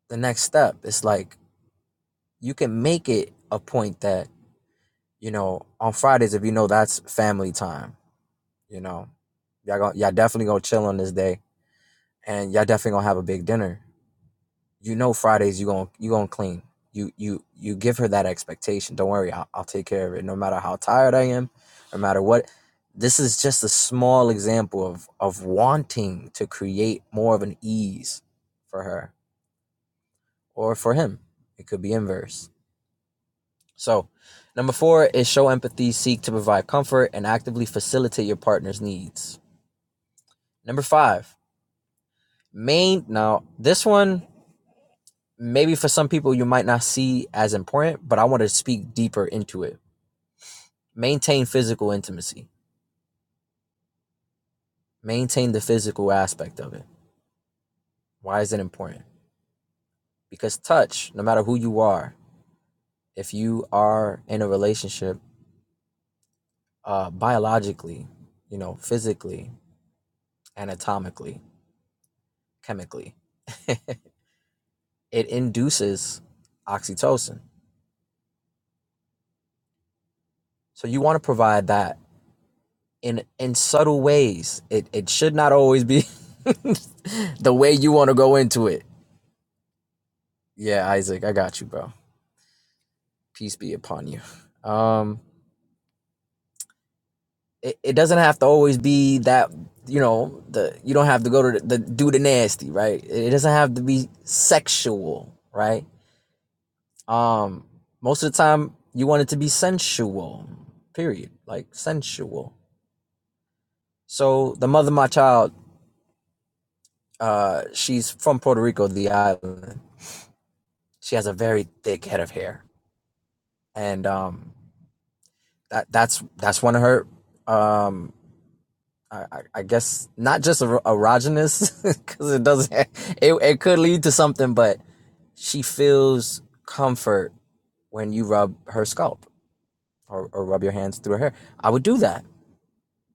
the next step. It's like you can make it a point that you know on Fridays if you know that's family time. You know, y'all gonna, y'all definitely gonna chill on this day, and y'all definitely gonna have a big dinner you know Fridays you going you gonna clean. You you you give her that expectation. Don't worry, I'll, I'll take care of it. No matter how tired I am, no matter what. This is just a small example of of wanting to create more of an ease for her or for him. It could be inverse. So, number four is show empathy, seek to provide comfort, and actively facilitate your partner's needs. Number five, main. Now this one maybe for some people you might not see as important, but I want to speak deeper into it. Maintain physical intimacy, maintain the physical aspect of it. Why is it important? Because touch, no matter who you are, if you are in a relationship uh, biologically, you know, physically, anatomically, chemically, it induces oxytocin. So you want to provide that in in subtle ways. It it should not always be the way you want to go into it Yeah, Isaac, I got you, bro. Peace be upon you. Um, it, it doesn't have to always be that you know the you don't have to go to the, the do the nasty, right? It, doesn't have to be sexual, right? Um, most of the time you want it to be sensual, period, like sensual. So the mother of my child, uh, she's from Puerto Rico, the island. She has a very thick head of hair, and um, that that's that's one of her um I, I guess not just er- erogenous because it doesn't. It it could lead to something, but she feels comfort when you rub her scalp or, or rub your hands through her hair. I would do that.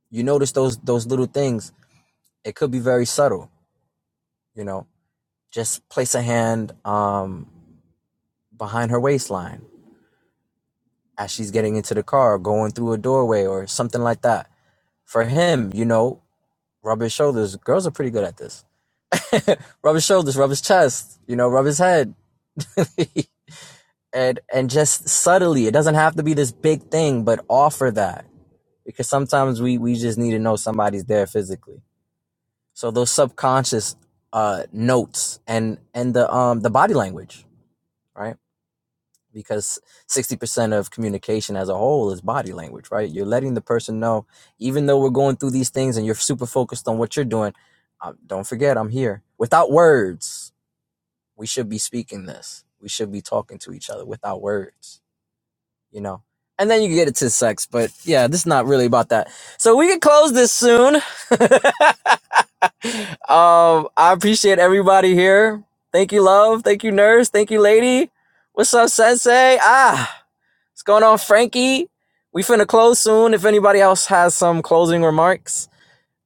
You notice those those little things. It could be very subtle. You know, just place a hand um behind her waistline as she's getting into the car, going through a doorway or something like that. For him, you know, rub his shoulders. Girls are pretty good at this. Rub his shoulders, rub his chest, you know, rub his head. and and just subtly it doesn't have to be this big thing but offer that because sometimes we we just need to know somebody's there physically so those subconscious uh notes and and the um the body language right because 60% of communication as a whole is body language right you're letting the person know even though we're going through these things and you're super focused on what you're doing uh, don't forget i'm here without words we should be speaking this we should be talking to each other without words you know. And then you can get it to sex, but yeah, this is not really about that. So we can close this soon. um, I appreciate everybody here. Thank you, love. Thank you, nurse. Thank you, lady. What's up, sensei? Ah, what's going on, Frankie? We finna close soon. If anybody else has some closing remarks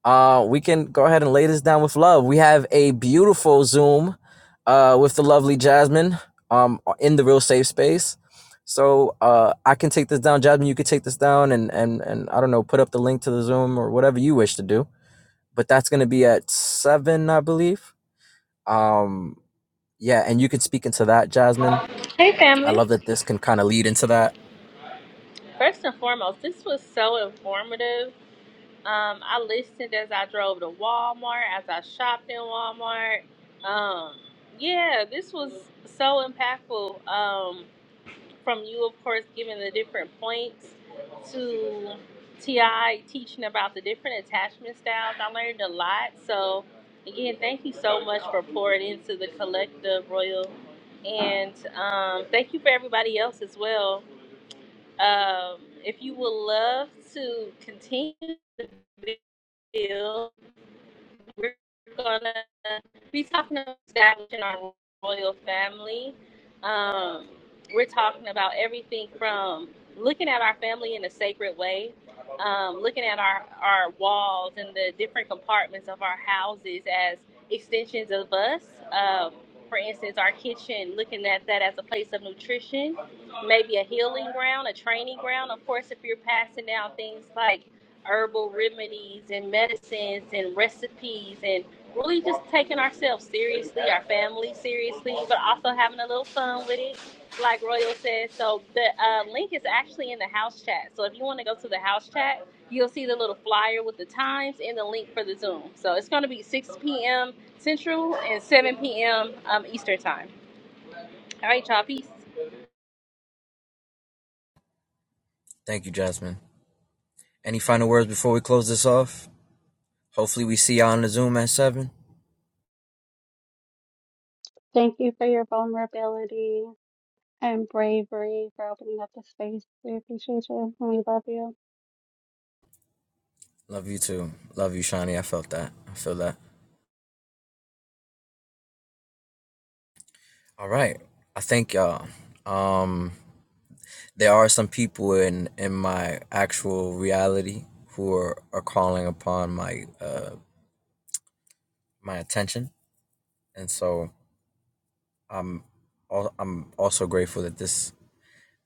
uh, we can go ahead and lay this down with love. We have a beautiful Zoom uh, with the lovely Jasmine um, in the real safe space. So uh, I can take this down, Jasmine. You could take this down, and and and I don't know, put up the link to the Zoom or whatever you wish to do. But that's going to be at seven, I believe. Um, yeah, and you could speak into that, Jasmine.
Hey,
I love
family.
that this can kind of lead into that.
First and foremost, this was so informative. Um, I listened as I drove to Walmart, as I shopped in Walmart. Um, yeah, this was so impactful. Um, from you, of course, giving the different points to Ti teaching about the different attachment styles. I learned a lot. So again, thank you so much for pouring into the collective royal, and um, thank you for everybody else as well. Um, if you would love to continue the video we're gonna be talking about establishing our royal family. Um, we're talking about everything from looking at our family in a sacred way, um, looking at our, our walls and the different compartments of our houses as extensions of us. Um, for instance, our kitchen, looking at that as a place of nutrition, maybe a healing ground, a training ground. Of course, if you're passing down things like herbal remedies and medicines and recipes and really just taking ourselves seriously, our family seriously, but also having a little fun with it, like Royal said. So the uh, link is actually in the house chat. So if you want to go to the house chat, you'll see the little flyer with the times and the link for the Zoom. So it's going to be 6 p.m. Central and 7 p.m. Um, Eastern Time. All right, y'all. Peace.
Thank you, Jasmine. Any final words before we close this off? Hopefully, we see y'all on the Zoom at seven.
Thank you for your vulnerability and bravery for opening up the space. We appreciate you and we love you.
Love you too. Love you, Shani. I felt that. I feel that. All right. I thank y'all. Um, there are some people in in my actual reality who are, are calling upon my uh my attention, and so I'm al- I'm also grateful that this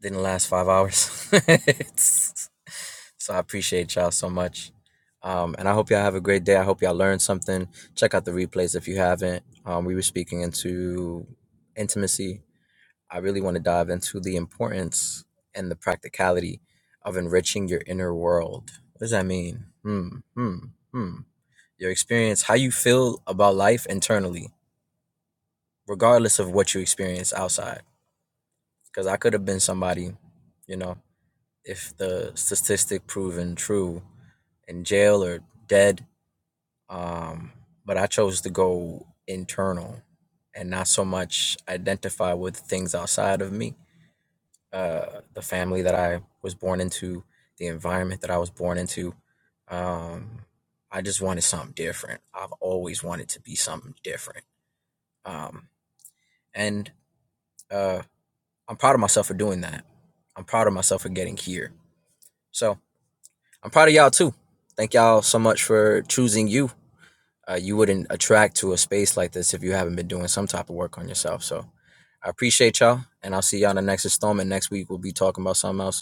didn't last five hours. It's- so I appreciate y'all so much. Um, and I hope y'all have a great day. I hope y'all learned something. Check out the replays if you haven't. Um, we were speaking into intimacy I really want to dive into the importance and the practicality of enriching your inner world. What does that mean? Hmm, hmm, hmm. Your experience, how you feel about life internally, regardless of what you experience outside. Because I could have been somebody, you know, if the statistic proven true in jail or dead. Um, but I chose to go internal and not so much identify with things outside of me uh, the family that I was born into, the environment that I was born into. Um, I just wanted something different. I've always wanted to be something different. Um, and uh, I'm proud of myself for doing that. I'm proud of myself for getting here. So I'm proud of y'all too. Thank y'all so much for choosing you. Uh, you wouldn't attract to a space like this if you haven't been doing some type of work on yourself. So I appreciate y'all, and I'll see y'all in the next installment. Next week, we'll be talking about something else.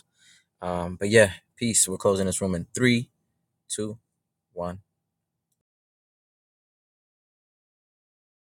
Um, but yeah, peace. We're closing this room in three, two, one.